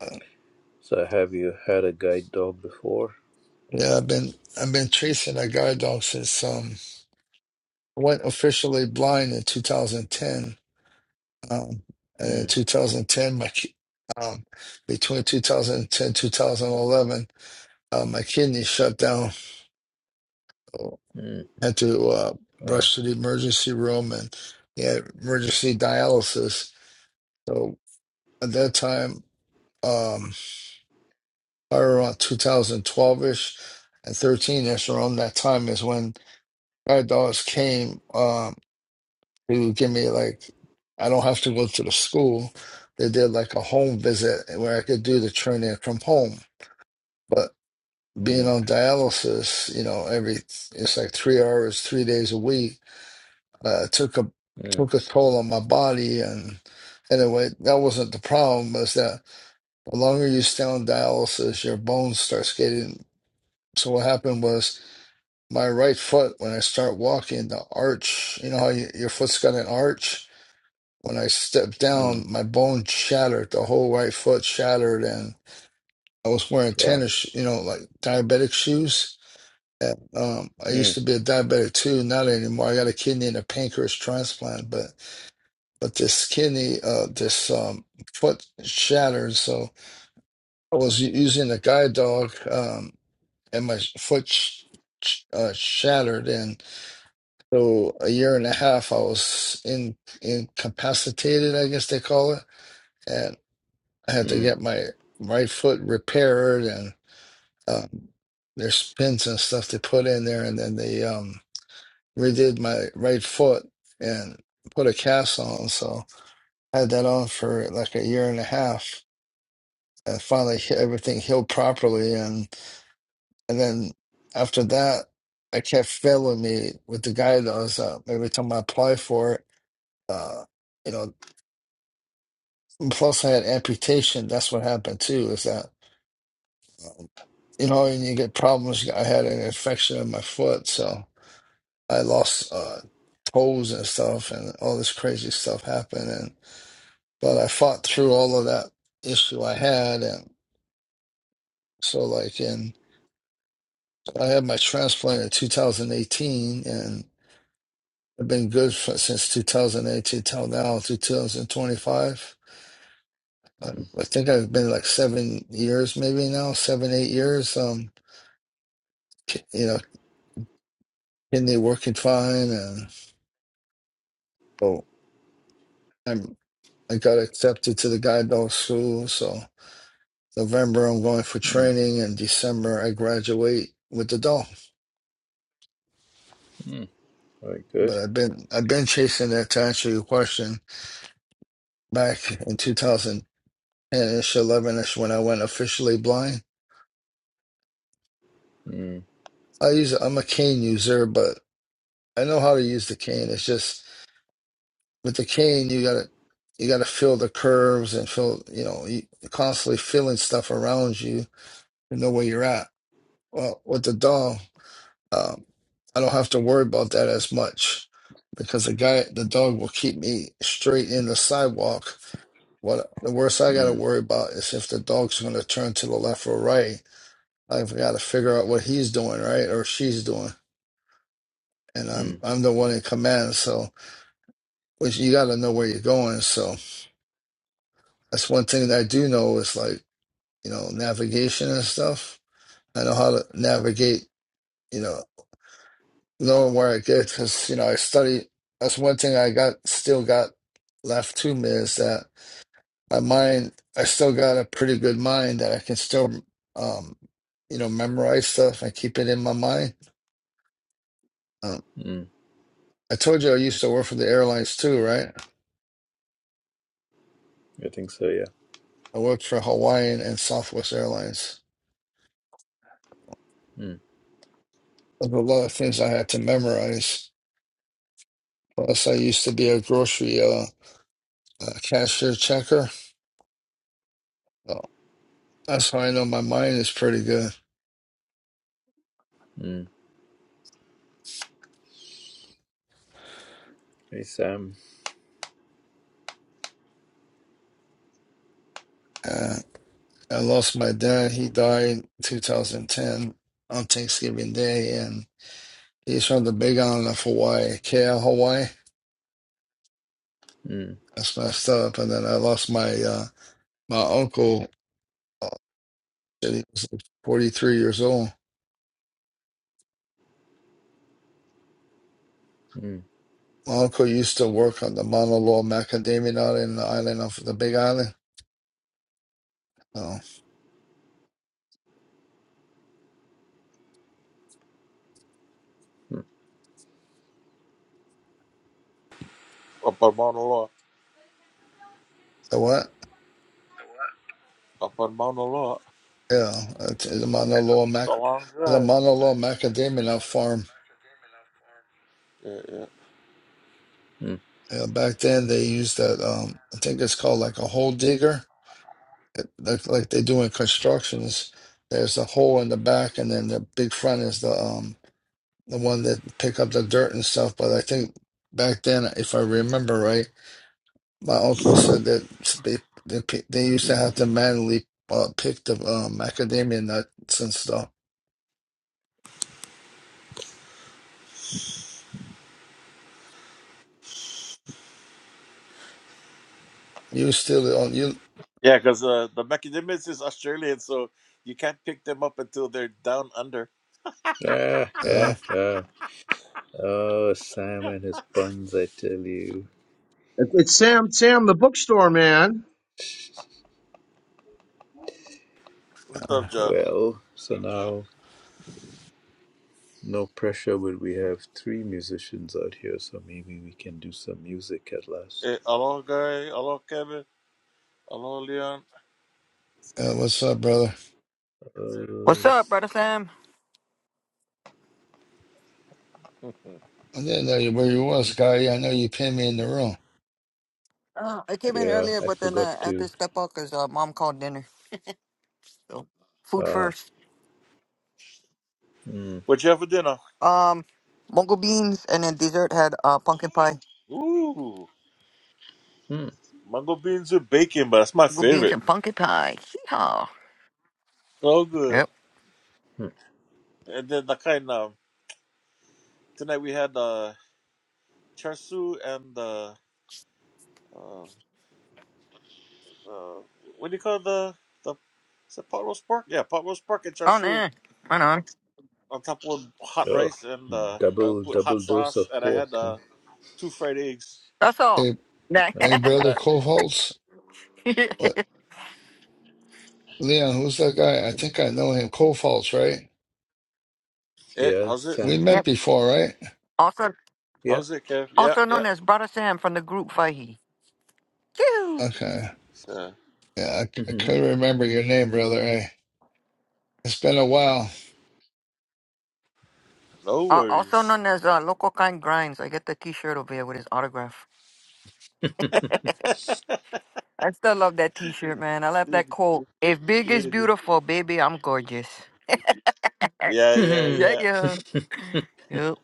S5: uh,
S1: So have you had a guide dog before?
S5: yeah, I've been I've been chasing that guide dog since um went officially blind in 2010. Um, and in
S1: Mm,
S5: 2010, my ki- um, between 2010 2011, uh, my kidney shut down.
S1: mm,
S5: Had to uh,
S1: wow.
S5: rush to the emergency room and yeah, emergency dialysis. So at that time, um, probably around 2012 ish and 13 ish, around that time is when Guide Dogs came. Um, to give me like I don't have to go to the school. They did like a home visit where I could do the training from home. But being
S1: Mm,
S5: on dialysis, you know, every it's like three hours, three days a week, uh, took a
S1: mm,
S5: took a toll on my body. And anyway, that wasn't the problem. Was that the longer you stay on dialysis, your bones start getting. So what happened was my right foot when I start walking, the arch. You know how you, your foot's got an arch When I stepped
S1: mm,
S5: down, my bone shattered, the whole right foot shattered, and I was wearing
S1: wow.
S5: tennis, you know, like diabetic shoes. And, um, I used
S1: Mm,
S5: to be a diabetic too, not anymore. I got a kidney and a pancreas transplant, but but this kidney, uh, this um, foot shattered, so I was u- using a guide dog, um, and my foot sh sh- uh, shattered, and so a year and a half I was in incapacitated, I guess they call it. I had to
S1: mm,
S5: get my right foot repaired and um, there's pins and stuff they put in there, and then they um, redid my right foot and put a cast on. So I had that on for like a year and a half, and finally he- everything healed properly. And and then after that, I kept failing me with the guy that was uh, every time I applied for it. Uh, you know, plus I had amputation. That's what happened too. Is that you know, and you get problems. I had an infection in my foot, so I lost uh, toes and stuff, and all this crazy stuff happened. And but I fought through all of that issue I had, and so like, and I had my transplant in 2018, and I've been good for, since 2018 till now, to 2025. I,
S1: mm,
S5: I think I've been like seven years, maybe now, seven eight years. Um, ki- you know, kidney working fine, and so. I got accepted to the guide dog school. So November I'm going for
S1: mm,
S5: training and December I graduate with the dog.
S1: mm. Very good.
S5: But I've been I've been chasing that to answer your question back in 2010 ish, 11 ish when I went officially blind.
S1: Mm,
S5: I use I'm a cane user, but I know how to use the cane. It's just with the cane you gotta you gotta feel the curves and feel you know you constantly feeling stuff around you to know where you're at. Well, with the dog. Um, I don't have to worry about that as much because the guy, the dog will keep me straight in the sidewalk. What the worst I got to
S1: mm,
S5: worry about is if the dog's going to turn to the left or right. I've got to figure out what he's doing, right, or she's doing, and I'm
S1: mm,
S5: I'm the one in command. So, which you got to know where you're going. So that's one thing that I do know is like you know navigation and stuff. I know how to navigate. You know. knowing where I get, because you know, I study. That's one thing I got still got left to me is that my mind. I still got a pretty good mind that I can still, um, you know, memorize stuff and keep it in my mind. Um,
S1: mm.
S5: I told you I used to work for the airlines too, right?
S1: I think so, yeah.
S5: I worked for Hawaiian and Southwest Airlines.
S1: Mm,
S5: There's a lot of things I had to memorize. Plus, I used to be a grocery uh, uh, cashier checker. So that's how I know my mind is pretty good.
S1: mm. Hey, Sam.
S5: Uh, I lost my dad. He died 2010 on Thanksgiving Day, and he's from the Big Island of Hawaii, KL, Hawaii.
S1: Mm,
S5: That's messed up. And then I lost my uh, my uncle. uh, He was like 43 years old.
S1: mm,
S5: My uncle used to work on the Mauna Loa Macadamia nut in the island of the Big Island. Oh,
S1: mm,
S6: Upper Mauna Loa.
S5: the what?
S6: Upper Mauna Loa.
S5: Yeah, it's it's a Mauna Loa
S6: It's a
S5: Mac.
S6: long
S5: It's a
S6: drive.
S5: Mauna Loa Macadamia nut farm.
S6: Yeah, yeah.
S1: mm.
S5: Yeah, back then they used that. Um, I think it's called like a hole digger like like they do in constructions. There's a hole in the back, and then the big front is the um the one that pick up the dirt and stuff. But I think back then, if I remember right, my uncle said that they they, pi- they used to have to manually uh, pick the um, macadamia nuts and stuff. You still on you?
S6: Yeah, because uh, the macadamias is Australian, so you can't pick them up until they're down under.
S1: Ah, ah,
S5: Uh,
S1: ah. Oh, Sam and his buns, I tell you.
S3: It, it's Sam. Sam, the bookstore man.
S6: What's up,
S5: uh,
S6: Josh?
S1: Well, so now. No pressure, but we have three musicians out here, so maybe we can do some music at last.
S6: Hey, hello, Guy. Hello, Kevin. Hello, Leon.
S5: what's up, brother?
S4: What's
S1: Oh,
S4: up, brother Sam?
S5: I didn't know you, where you was, guy. I know you pinned me in the room.
S4: Uh, I came in
S1: yeah,
S4: earlier,
S1: I
S4: but then
S1: forgot
S4: I had to
S1: to.
S4: step out because uh, mom called dinner. So food
S1: Ah,
S4: first.
S1: mm,
S6: What you have for dinner?
S4: Um, mungo beans and then dessert had uh pumpkin pie.
S6: Ooh,
S1: mm,
S6: mango beans with bacon, but that's my
S4: Mungo beans
S6: favorite.
S4: and pumpkin pie. Yeehaw.
S6: So good.
S4: Yep.
S1: mm.
S6: And then the kind of tonight we had uh char siu and the uh, uh, what do you call the the is it pot roast pork? Yeah, pot roast pork and char
S4: On
S6: siu.
S4: there. Right on.
S6: on top of hot rice and uh, I
S1: double
S6: put
S1: double
S6: hot
S1: dose of
S6: sauce and I
S1: pork.
S6: had uh, two fried eggs
S4: That's all.
S5: Hey,
S4: Nah.
S1: Like,
S5: hey,
S6: on top of
S5: brother,
S6: that.
S5: Cole Holtz. What, Leon? Who's that guy? I think I know him. Cole Holtz, right?
S6: Hey,
S1: yeah,
S6: how's it?
S5: We met
S4: yep.
S5: before, right?
S4: Also,
S1: yeah.
S6: How's it, Kev? Yeah,
S4: also
S6: yeah.
S4: known as Brother Sam from the group Fahey. Yoo-hoo.
S5: Okay.
S6: So,
S5: Yeah, I, I couldn't remember your name, brother. Eh? It's been a while.
S6: no
S4: Uh, also
S6: worries.
S4: known as uh, Local Kind Grinds. I get the T-shirt over here with his autograph. I still love that T-shirt, man. I love that
S6: Really,
S4: quote. If big is
S6: really.
S4: beautiful, baby, I'm gorgeous.
S6: Yeah, yeah,
S4: Yeah,
S6: yeah.
S4: yeah. Yep.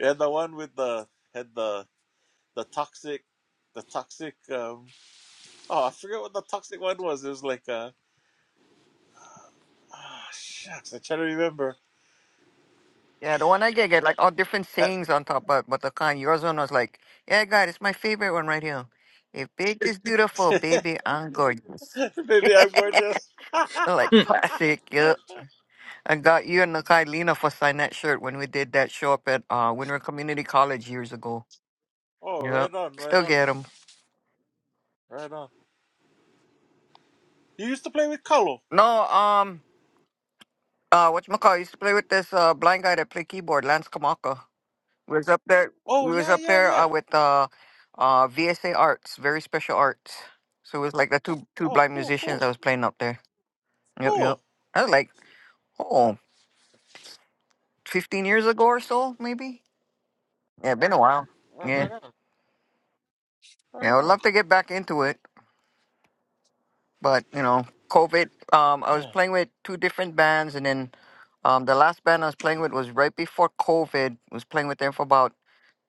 S6: Yeah, the one with the had the the toxic, the toxic. um Oh, I forget what the toxic one was. It was like, uh, oh, shucks, I try to remember.
S4: Yeah, the one I get get like all different sayings on top, but but the kind yours one was like, yeah, God, it's my favorite one right here. If big is beautiful, baby, I'm gorgeous.
S6: Maybe I'm gorgeous.
S4: like classic. yeah. I got you and Nakai Lena for sign that shirt when we did that show up at uh, Winter Community College years ago.
S6: oh,
S4: Yeah,
S6: right on, right
S4: still
S6: on,
S4: get them.
S6: right on. You used to play with Colo.
S4: No, um, uh, what you used to play with this uh blind guy that played keyboard, Lance Kamaka. We was up there.
S6: Oh
S4: We was
S6: yeah,
S4: up
S6: yeah,
S4: there uh,
S6: yeah.
S4: with uh, uh, VSA Arts, very special arts. So it was like the two two
S6: Oh,
S4: blind
S6: cool,
S4: musicians
S6: cool,
S4: I was playing up there. Yep, yep.
S6: cool.
S4: That was like oh, 15 years ago or so, maybe. Yeah, been a while.
S6: Right,
S4: Yeah,
S6: right on,
S4: yeah. I
S6: right
S4: would
S6: on.
S4: love to get back into it. but you know covid um i was
S6: Yeah.
S4: playing with two different bands and then um the last band i was playing with was right before covid I was playing with them for about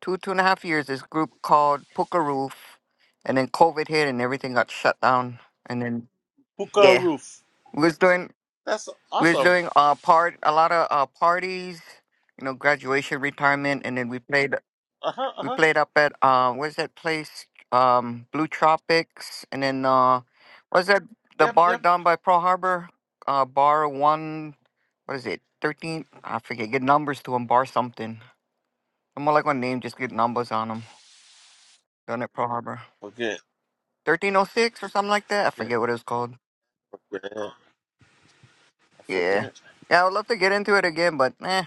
S4: two two and a half years this group called Puka Roof, and then covid hit and everything got shut down and then
S6: Hookah
S4: yeah
S6: roof.
S4: we was doing
S6: That's
S4: we was
S6: awesome.
S4: doing uh part a lot of uh parties you know graduation retirement and then we played
S6: Uh huh, uh
S4: we
S6: huh.
S4: played up at uh where's that place um blue tropics and then uh was that the
S6: Yep,
S4: bar
S6: yep.
S4: down by pearl harbor uh bar one what is it 13 i forget get numbers to them bar something i'm more like my name just get numbers on them down at pearl harbor
S6: Forget,
S4: 1306 or something like that i
S6: forget,
S4: forget what it's called
S6: forget. I
S4: yeah
S6: forget.
S4: yeah i would love to get into it again but eh,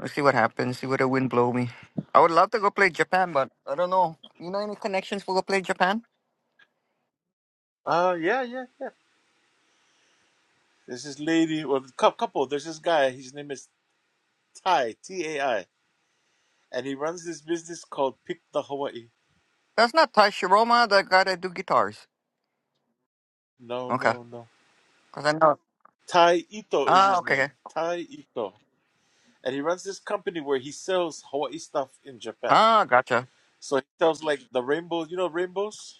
S4: let's see what happens see where the wind blow me i would love to go play japan but i don't know you know any connections for go play japan
S6: Uh, yeah, yeah. There's this lady, well, cou- couple. There's this guy. His name is Tai T A I, and he runs this business called Pick the Hawaii.
S4: That's not Ty Shiroma, the guy that do guitars.
S6: No,
S4: Okay,
S6: no, no.
S4: cause I know.
S6: Tai Ito is
S4: Ah,
S6: his
S4: okay.
S6: name.
S4: okay.
S6: Tai Ito, and he runs this company where he sells Hawaii stuff in Japan.
S4: Ah, gotcha.
S6: So he sells like the rainbows. You know rainbows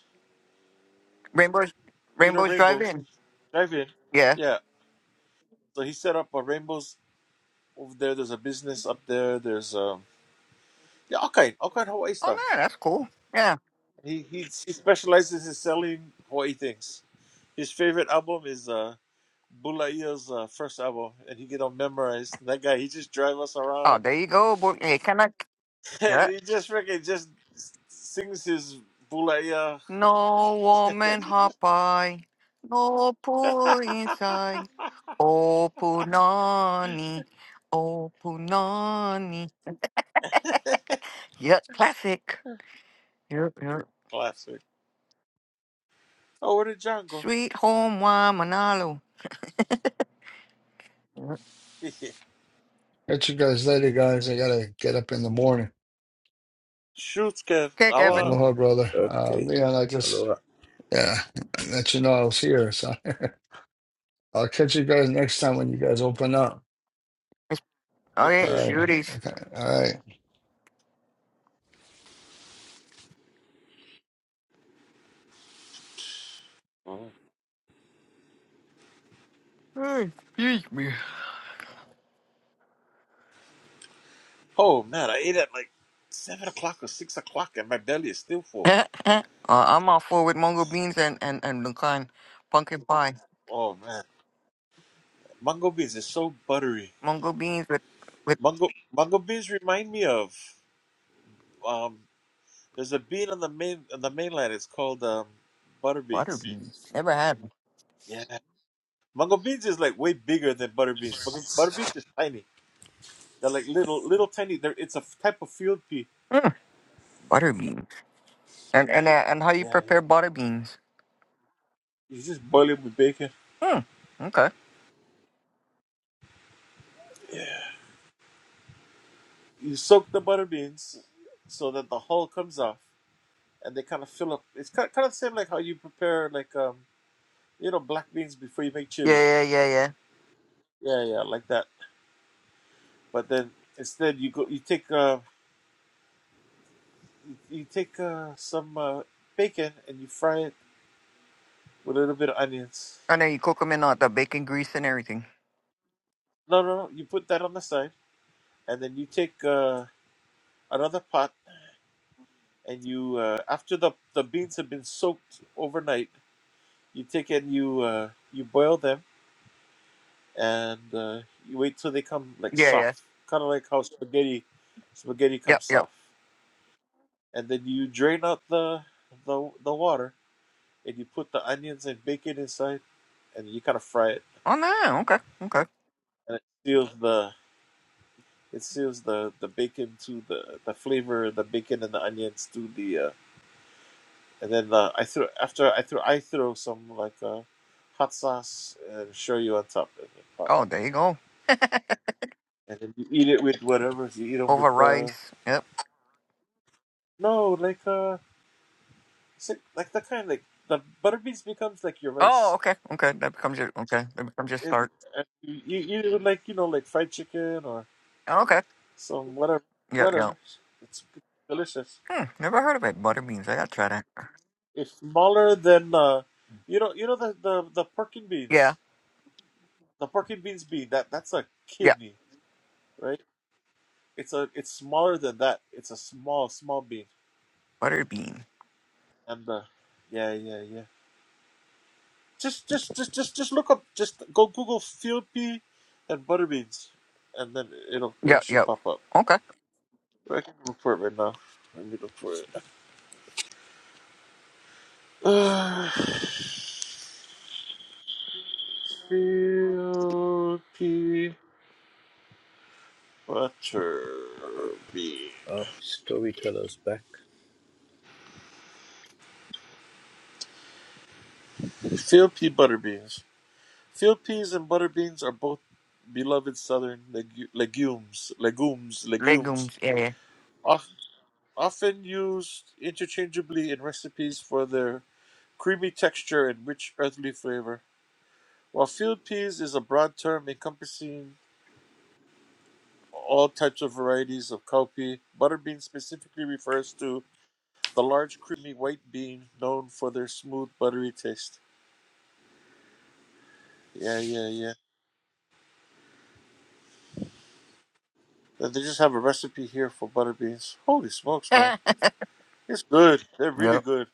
S4: Rainbows,
S6: you know
S4: Rainbows Drive
S6: rainbows
S4: In.
S6: drive in
S4: Yeah.
S6: yeah so he set up a rainbows over there there's a business up there there's um yeah all kind all kind of hawaii
S4: Oh
S6: stuff
S4: man, that's cool. Yeah.
S6: he he, he specializes in selling hawaii things his favorite album is uh Bulaia's uh, first album, and he get all memorized. That guy, he just drive us
S4: Oh,
S6: around,
S4: there you go. Boy. Hey, can I?
S6: and
S4: Yeah.
S6: he just freaking just s- sings his Bulaia.
S4: No woman hop by, no pool inside. Oh punani, oh punani. Yeah, classic. Yep, yep.
S6: Classic. Oh, where did John go?
S4: Sweet home wa manalo. Yep.
S5: Catch you guys later, guys. I gotta get up in the morning.
S6: Shoots, Kev.
S4: Okay,
S6: I want
S4: Kevin.
S5: Aloha, brother. Uh,
S1: okay,
S5: Leon, I just
S1: aloha.
S5: yeah, let you know I was here. So I'll catch you guys next time when you guys open up.
S4: It's, okay,
S5: All
S6: Okay.
S5: right.
S4: shooties.
S5: Okay. All right.
S6: Mhm.
S4: Hey, excuse me.
S6: Oh man, I ate at like seven o'clock or six o'clock, and my belly is still full.
S4: uh, I'm all for with mungo beans and and and the kind pumpkin pie.
S6: Oh man, mango beans is so buttery.
S4: Mungo beans with with
S6: Mango mango beans remind me of um. There's a bean on the main on the mainland. It's called um, butter
S4: butter
S6: beans.
S4: beans. Never had
S6: Yeah, mango beans is like way bigger than butter beans. Butter, butter beans is tiny. They're like little little tiny. They're, it's a f- type of field pea.
S4: Mm, butter beans. And and uh, and how you
S6: Yeah, yeah.
S4: prepare butter beans?
S6: You just boil it with bacon.
S4: Hmm. okay.
S6: Yeah. You soak the butter beans so that the hull comes off. and they kind of fill up. It's kind kind of the same like how you prepare like um you know black beans before you make chili.
S4: Yeah, yeah, yeah, yeah.
S6: Yeah, yeah, like that. But then instead you go you take uh you take uh some uh, bacon and you fry it with a little bit of onions.
S4: And then you cook them in uh, the bacon grease and everything.
S6: No, no, no. You put that on the side, and then you take uh another pot and you uh after the the beans have been soaked overnight, you take and you uh you boil them and uh you wait till they come like
S4: Yeah, yeah.
S6: soft, kind of like how spaghetti spaghetti
S4: Yep,
S6: comes
S4: yep.
S6: soft. and then you drain out the the the water and you put the onions and bacon inside and you kind of fry it
S4: Oh no. Okay, okay.
S6: and it seals the it seals the the bacon to the the flavor of the bacon and the onions to the uh, and then uh, I threw after I threw I throw some like uh, hot sauce and shoyu on top and then, pop.
S4: Oh, there you go.
S6: and then you eat it with whatever you eat them
S4: Over
S6: with uh,
S4: rice. Yep.
S6: no like uh si- like the kind like the butter beans becomes like your
S4: Oh,
S6: rice
S4: okay, okay. That becomes your okay. That becomes your
S6: it
S4: start.
S6: and you you eat it with like you know like fried chicken or
S4: Okay.
S6: So whatever,
S4: Yep, yep.
S6: whatever. It's delicious.
S4: Hmm, never heard of it. Butter beans. I gotta try that.
S6: It's smaller than uh, you know, you know the the the pork and
S4: Yeah,
S6: beans, the pork and beans bean. That that's a
S4: yeah.
S6: kidney, right? It's a it's smaller than that. It's a small small bean.
S4: Butter bean.
S6: And uh, yeah, yeah, yeah. Just just just just just look up. Just go Google field pea and butter beans, and then it'll it'll
S4: Yep,
S6: should
S4: yep.
S6: pop up.
S4: Okay.
S6: I can look for it right now. Let me look for it. field pea. Butter beans.
S1: Oh, storyteller's back.
S6: Field pea butter beans. Field peas and butter beans are both beloved southern legu- legumes. Legumes. Legumes.
S4: Legumes. Yeah,
S6: Of- often used interchangeably in recipes for their creamy texture and rich earthly flavor. While field peas is a broad term encompassing all types of varieties of cowpea, butterbean specifically refers to the large creamy white bean known for their smooth buttery taste. Yeah, yeah, yeah. They just have a recipe here for butter beans. Holy smokes, man.
S4: yeah.
S6: It's good. They're really
S4: yep.
S6: good.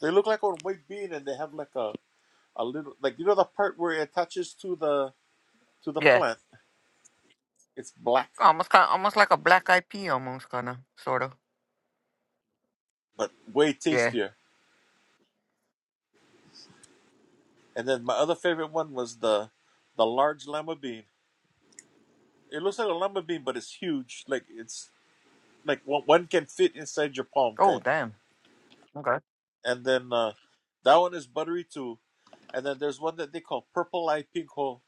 S6: They look like a white bean and they have like a, a little like you know the part where it attaches to the to the
S4: Yeah.
S6: plant. It's black,
S4: Almost kind, almost like a black eyed pea, almost kind of, sort of.
S6: but way
S4: Yeah.
S6: tastier. And then my other favorite one was the the large lima bean. It looks like a lima bean, but it's huge. Like it's like one one can fit inside your palm
S4: Oh,
S6: kind.
S4: damn. Okay.
S6: And then uh that one is buttery too. And then there's one that they call purple eye pink hole.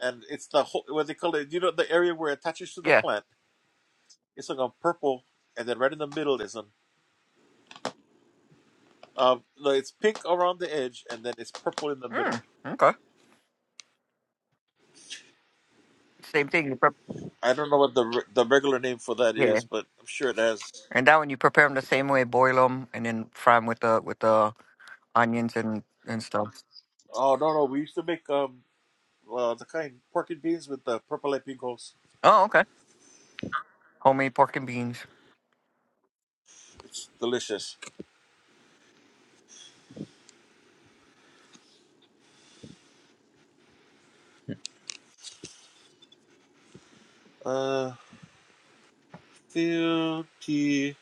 S6: and it's the whole what they call it. You know, the area where it attaches to the
S4: Yeah.
S6: plant. It's like a purple, and then right in the middle is an um, no, it's pink around the edge, and then it's purple in the
S4: Hmm.
S6: middle.
S4: Okay. Same thing. You prep.
S6: I don't know what the re- the regular name for that
S4: Yeah.
S6: is, but I'm sure it has.
S4: And that one you prepare them the same way, boil them, and then fry them with the with the onions and and stuff.
S6: Oh no, no, we used to make um uh, the kind pork and beans with the purple and pink holes.
S4: Oh, okay. Homemade pork and beans.
S6: It's delicious. Uh, filthy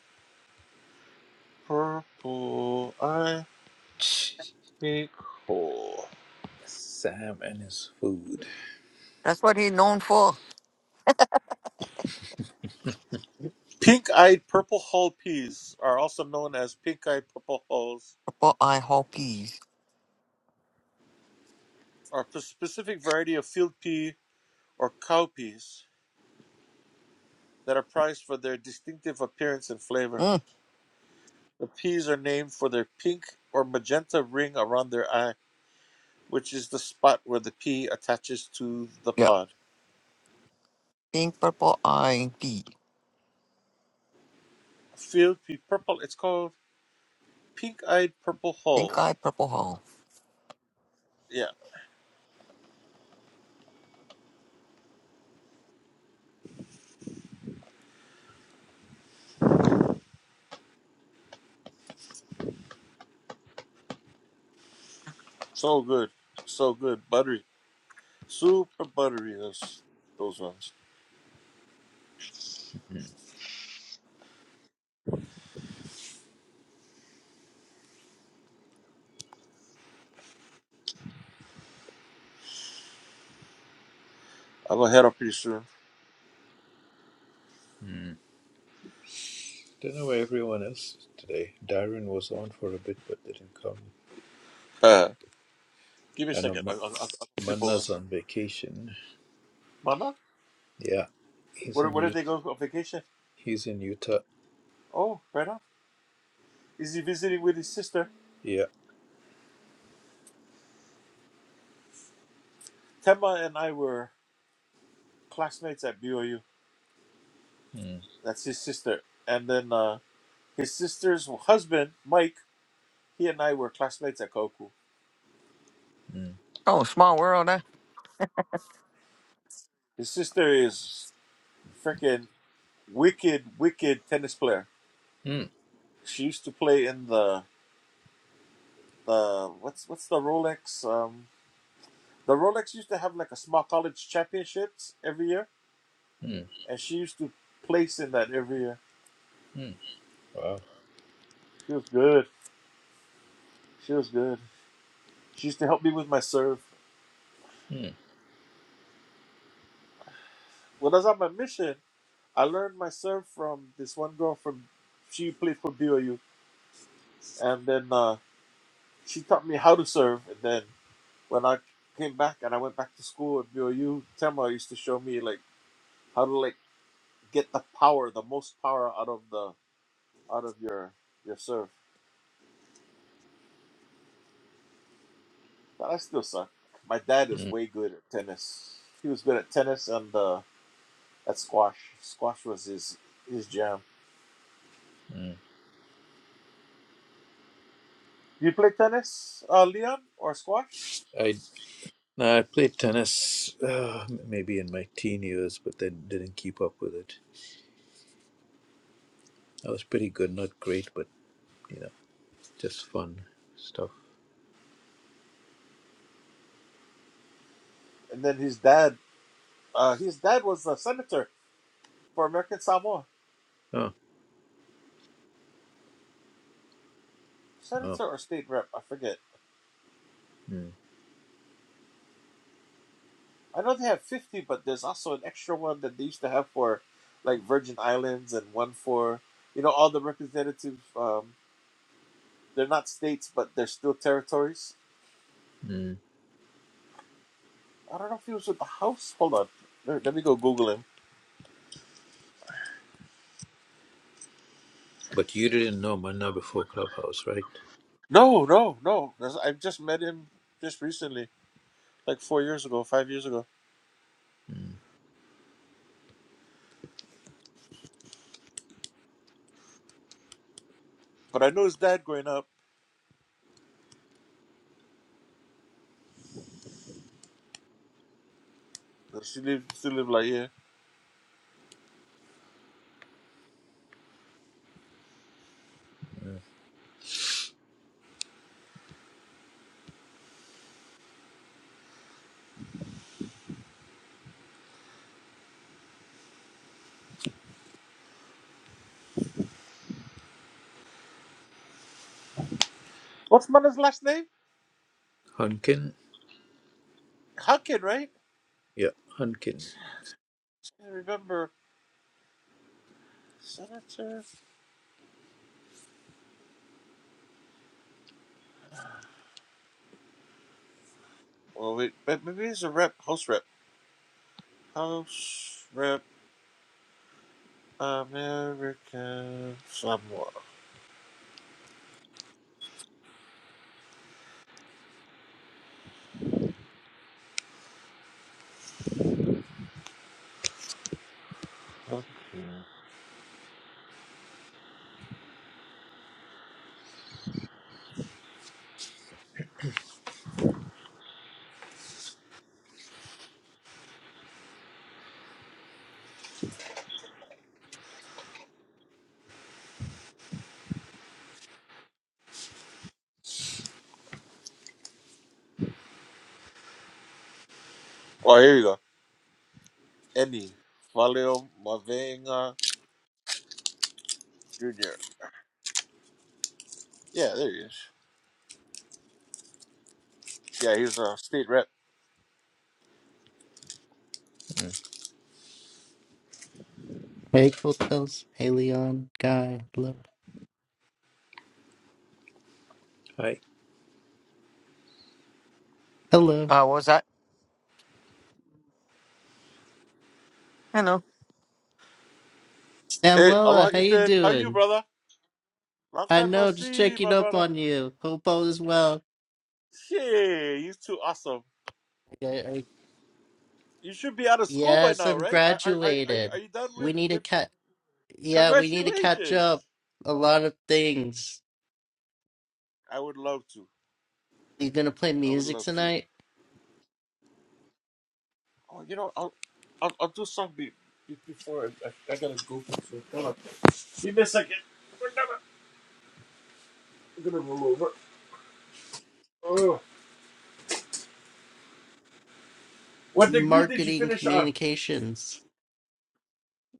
S6: purple eye
S1: Sam
S6: pink hole.
S1: and his food.
S4: That's what he's known for.
S6: Pink-eyed purple hull peas are also known as pink-eyed purple hulls
S4: Purple eye peas.
S6: are a specific variety of field pea or cowpeas that are prized for their distinctive appearance and flavor.
S4: Mm.
S6: The peas are named for their pink or magenta ring around their eye, which is the spot where the pea attaches to the
S4: Yep.
S6: pod.
S4: Pink purple eye pea.
S6: Field pea purple, it's called pink eyed purple
S4: Pink
S6: hull.
S4: eye purple hole.
S6: Yeah, so good. So good. Buttery. Super buttery, those, those ones.
S1: Don't
S6: I'll go head up pretty soon.
S1: know where everyone else is today. Darren was on for a bit but didn't come.
S6: Uh, give me a second. I'll, I'll, I'll flip over.
S1: Manna's on vacation.
S6: Mama?
S1: Yeah, he's
S6: Where,
S1: in
S6: where did they go on vacation?
S1: he's in Utah.
S6: Oh, right on. Is he visiting with his sister?
S1: Yeah.
S6: Temba and I were classmates at BYU.
S1: Mm,
S6: That's his sister. And then uh, his sister's husband, Mike, he and I were classmates at Koku.
S1: mm,
S4: Oh, small world. eh?
S6: His sister is freaking wicked, wicked tennis player.
S1: mm,
S6: She used to play in the the what's what's the Rolex? Um, the Rolex used to have like a small college championships every year,
S1: mm,
S6: and she used to place in that every year.
S1: mm. Wow.
S6: She was good. She was good. She used to help me with my serve.
S1: Mm,
S6: When I was on my mission, I learned my serve from this one girl from she played for BOU, and then uh, she taught me how to serve. And then when I came back and I went back to school at BOU, Tamara used to show me like how to like get the power, the most power out of the out of your your serve. But I still suck. My dad is way good at tennis. He was good at tennis and uh, at squash. Squash was his his jam.
S1: mm.
S6: Do you play tennis, uh, Leon, or squash?
S1: I no, I played tennis uh, maybe in my teen years, but then didn't keep up with it. I was pretty good, not great, but you know, just fun stuff.
S6: And then his dad, uh, his dad was a senator for American Samoa,
S1: Oh.
S6: senator or state rep, I forget.
S1: Mm,
S6: I know they have fifty, but there's also an extra one that they used to have for like Virgin Islands and one for you know all the representatives. Um, they're not states, but they're still territories.
S1: mm.
S6: I don't know if he was with the House. Hold on, let, let me go Google him.
S1: But you didn't know Manna before Clubhouse, right?
S6: No, no, no. There's- I just met him just recently, like four years ago, five years ago.
S1: Mm.
S6: But I know his dad growing up. She lived, still lived like yeah. What's mother's last name?
S1: Hunkin.
S6: Huckin, right?
S1: Yeah, Hunkin.
S6: I remember senator. Well, wait, but maybe it's a rep, house rep, house rep, American Samoa. Okay. Oh, here you go, Andy Valeo Mavenga Jr. Yeah, there he is. Yeah, he's a state rep.
S1: Mm.
S7: Hey, Coach Phelps. Hey, Leon. Guy. Hello.
S1: Hi.
S7: Hello.
S4: Uh, what was that? You know,
S6: Hey,
S7: Samuela,
S6: aloha,
S7: how you
S6: Ethan. How you,
S7: doing?
S6: brother? Long
S7: I
S6: time no
S7: know, just
S6: see,
S7: checking
S6: my
S7: up
S6: brother.
S7: on you. Hope all is well.
S6: Shit, you two awesome.
S7: I- I-
S6: You should be out of school by
S7: Yes,
S6: now,
S7: I'm
S6: right? Are are are, are you are
S7: graduated.
S6: you done
S7: We
S6: with
S7: need to
S6: with?
S7: cat. Yeah, we need to catch up.
S6: Congratulations.
S7: A lot of things.
S6: I would love to.
S7: You gonna play
S6: I would
S7: music
S6: love to.
S7: tonight?
S6: Oh, you know, I'll I'll, I'll do something be- before I, I, I gotta go. So hold on, give me a second. I'm gonna roll over. Oh, what degree did you
S7: Marketing
S6: finish on?
S7: communications.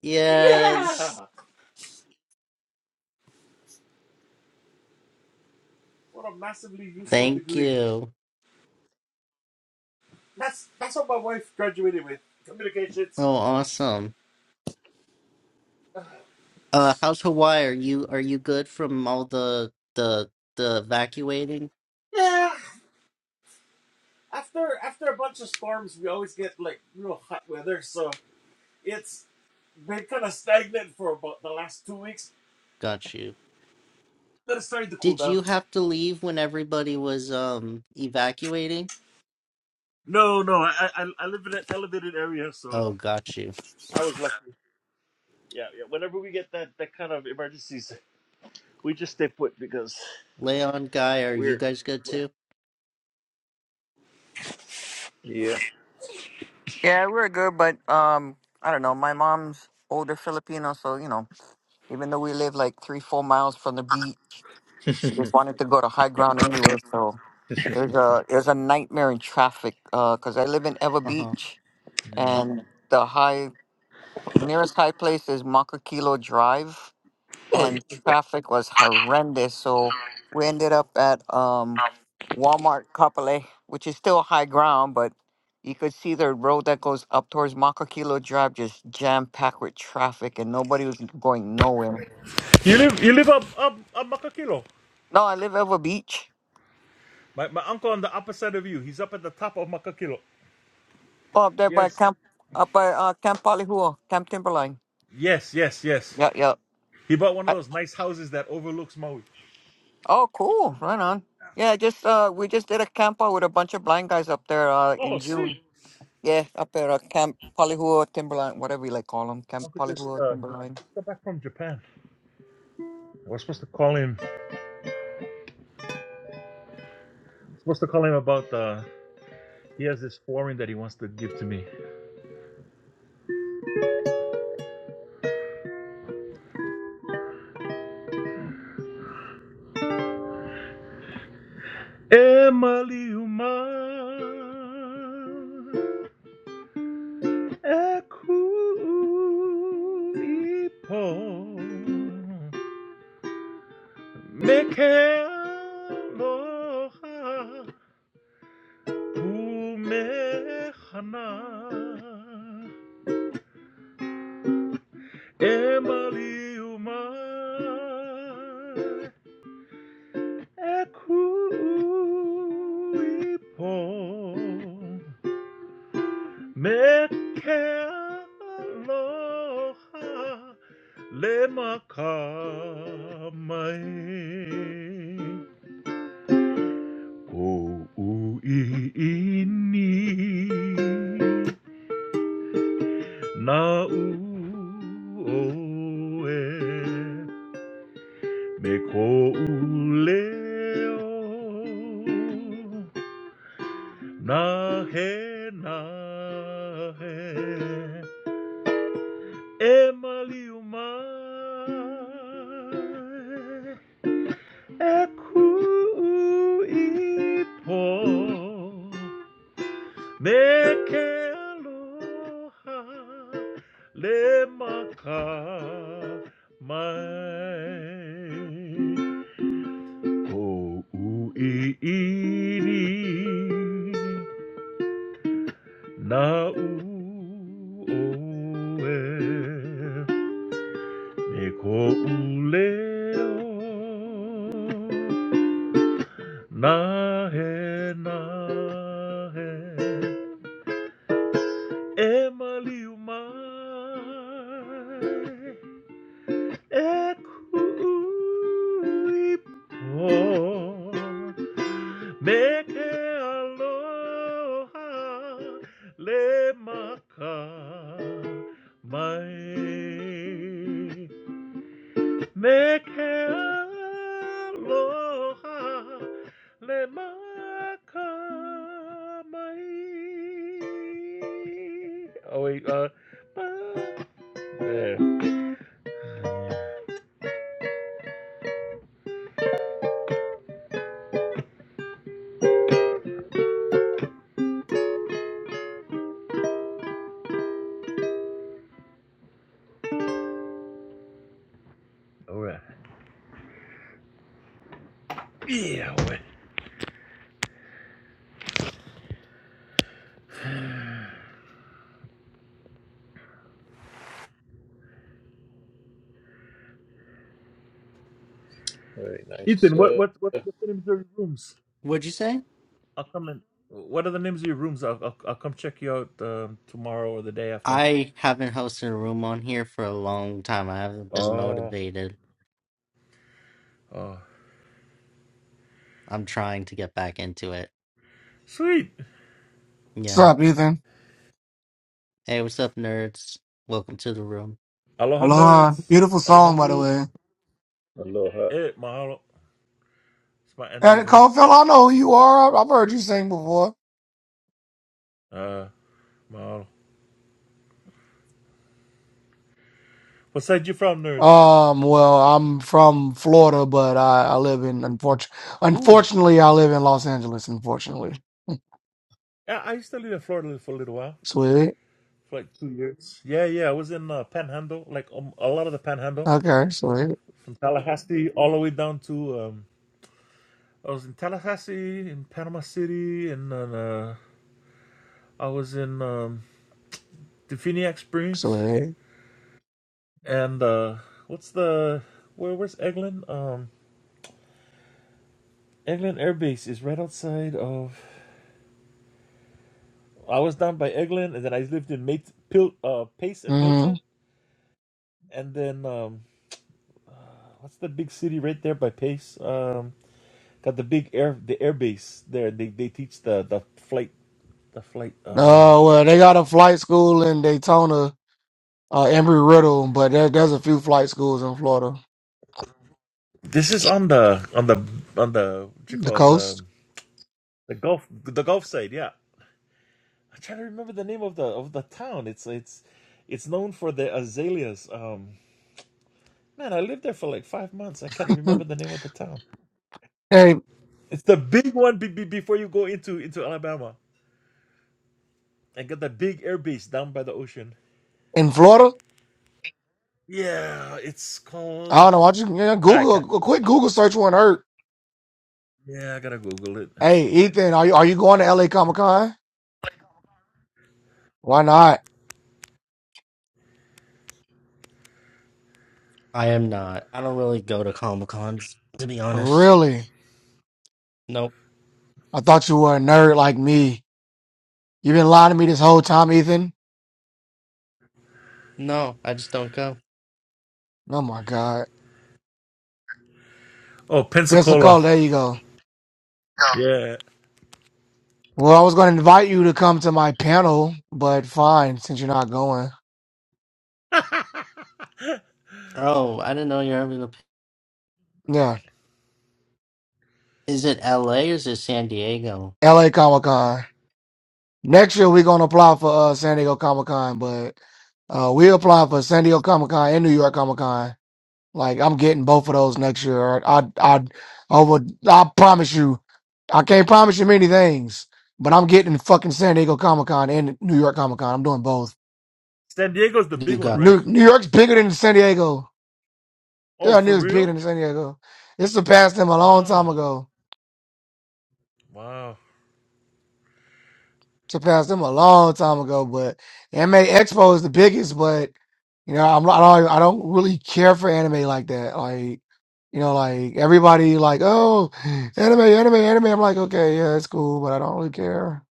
S7: Yes.
S6: Yeah, what a massively useful
S7: Thank
S6: degree.
S7: you.
S6: That's that's what my wife graduated with. Communications.
S7: Oh, awesome. Uh, how's Hawaii? Are you are you good from all the the the evacuating?
S6: Yeah. After after a bunch of storms, we always get like real hot weather, so it's been kind of stagnant for about the last two weeks.
S7: Got you.
S6: Then it's starting to cool
S7: Did
S6: down.
S7: you have to leave when everybody was um evacuating?
S6: No, no, I I, I live in an elevated area, so
S7: Oh, got you.
S6: I was lucky. yeah, yeah. Whenever we get that that kind of emergencies, we just stay put because
S7: Leon, Guy, are you
S6: we're
S7: guys good too?
S1: Yeah.
S4: yeah, we're good, but um, I don't know. My mom's older Filipino, so you know, even though we live like three, four miles from the beach, she just wanted to go to high ground anyway. So it was a it was a nightmare in traffic. Uh, cause I live in Eva
S7: Uh-huh.
S4: Beach,
S1: Mm,
S4: and the high nearest high place is Makakilo Drive, and traffic was horrendous. So we ended up at um, Walmart Kapolei, which is still high ground, but you could see the road that goes up towards Makakilo Drive just jam packed with traffic, and nobody was going nowhere.
S6: You live you live up up up Makakilo.
S4: No, I live over beach
S6: My my uncle on the upper side of you. He's up at the top of Makakilo.
S4: up there by
S6: Yes.
S4: Camp up by uh, Camp Palihua, Camp Timberline.
S6: Yes, yes, yes.
S4: Yeah, yeah.
S6: He bought one of
S4: I,
S6: those nice houses that overlooks Maui.
S4: oh, cool. Right on. Yeah, just uh, we just did a camp out with a bunch of blind guys up there uh, in
S6: oh
S4: June.
S6: sweet.
S4: Yeah, up at uh, Camp Polyhua Timberline, whatever you like call them,
S6: My
S4: Camp
S6: uncle just
S4: Polyhua
S6: uh
S4: Timberline.
S6: just got back from Japan. I was supposed to call him supposed to call him about uh he has this flooring that he wants to give to me. Emily Uma. Ekulipo mekeloha umehana emaliuma ekulipo Mekealoha lemakamai o uiini na o'e me ko uleo na he na he Emily umai eku ipo meke aloha le maka mai o ui iri na u oe Mikouleo nahe nahe emaliumai ekuipo meke aloha le maka mai Mekaloha lemakamai. Oh wait, uh, there. All right. Yeah. All right.
S1: Very nice.
S6: Ethan, what what what what's the names of your rooms?
S7: What'd you say?
S6: I'll come in. What are the names of your rooms? I'll I'll, I'll come check you out um, tomorrow or the day after.
S7: I haven't hosted a room on here for a long time. I haven't been
S6: Oh.
S7: motivated.
S6: Oh.
S7: I'm trying to get back into it.
S6: Sweet.
S8: What's
S7: Yeah.
S8: up, Ethan?
S7: Hey, what's up, nerds? Welcome to the room.
S6: Aloha
S8: Aloha.
S6: nerds.
S8: Beautiful
S6: Aloha
S8: song, by the
S6: mu.
S8: way.
S1: Aloha.
S6: Eh, mahalo. It's my auntie's
S8: And
S6: one.
S8: Cofield, I know who you are. I- I've heard you sing before.
S6: Uh, model. What side you from, nerds?
S8: Um, well, I'm from Florida, but I, I live in unfortunately,
S6: Ooh.
S8: unfortunately, I live in Los Angeles. Unfortunately,
S6: Yeah, I used to live in Florida for a little while,
S8: sweet.
S6: for like two years. Yeah, yeah. I was in uh, Panhandle, like um, a lot of the Panhandle,
S8: Okay, sweet,
S6: from Tallahassee all the way down to. Um, I was in Tallahassee, in Panama City, and then uh, I was in um, the Phoenix Springs.
S8: sweet.
S6: And uh, what's the where? Where's Eglin? Um, Eglin Air Base is right outside of. I was down by Eglin, and then I lived in Mate, Pil, uh, Pace and
S8: Mm-hmm.
S6: Milton. And then um, what's the big city right there by Pace? Um, got the big air, the air base there. They they teach the the flight, the flight. Um,
S8: Uh, well, they got a flight school in Daytona, uh, Embry Riddle, but there, there's a few flight schools in Florida,
S6: this is on the on the on the what you
S8: the
S6: call it, the
S8: coast.
S6: the Gulf the Gulf side. Yeah, I'm trying to remember the name of the of the town. It's it's it's known for the azaleas. Um, man, I lived there for like five months. I can't remember the name of the town.
S8: hey,
S6: It's the big one be- be- before you go into into Alabama and got the big air base down by the ocean.
S8: in Florida,
S6: Yeah, it's called.
S8: I don't know. Why don't you yeah,
S6: Okay.
S8: Google a quick Google search won't hurt.
S6: Yeah, I gotta Google it.
S8: Hey, Ethan, are you are you going to LA Comic Con? Why not?
S7: I am not. I don't really go to Comic Cons, to be honest.
S8: Really?
S7: Nope.
S8: I thought you were a nerd like me. You've been lying to me this whole time, Ethan.
S7: No, I just don't go.
S8: Oh my God.
S6: Oh, Pensacola.
S8: Pensacola, there you go.
S6: No. Yeah.
S8: Well, I was going to invite you to come to my panel, but fine, since you're not going.
S7: Oh, I didn't know you're having a.
S8: Yeah,
S7: Is it LA or is it San Diego?
S8: LA Comic Con. Next year, we're going to apply for uh, San Diego Comic Con, but uh, we apply for San Diego Comic Con and New York Comic Con. Like I'm getting both of those next year. Or I I I would I promise you, I can't promise you many things, but I'm getting fucking San Diego Comic Con and New York Comic Con. I'm doing both.
S6: San Diego's the
S7: You
S6: big one,
S7: got the
S6: right?
S8: New New York's bigger than San Diego.
S6: Oh,
S8: Yeah, New
S6: for
S8: York's bigger
S6: real?
S8: than San Diego. It surpassed them a long time
S6: Wow.
S8: ago.
S6: Wow.
S8: surpassed them a long time ago. But anime expo is the biggest. But you know, I'm not- I don't I don't really care for anime like that. Like you know, like everybody like oh anime anime anime. I'm like okay yeah it's cool, but I don't really care.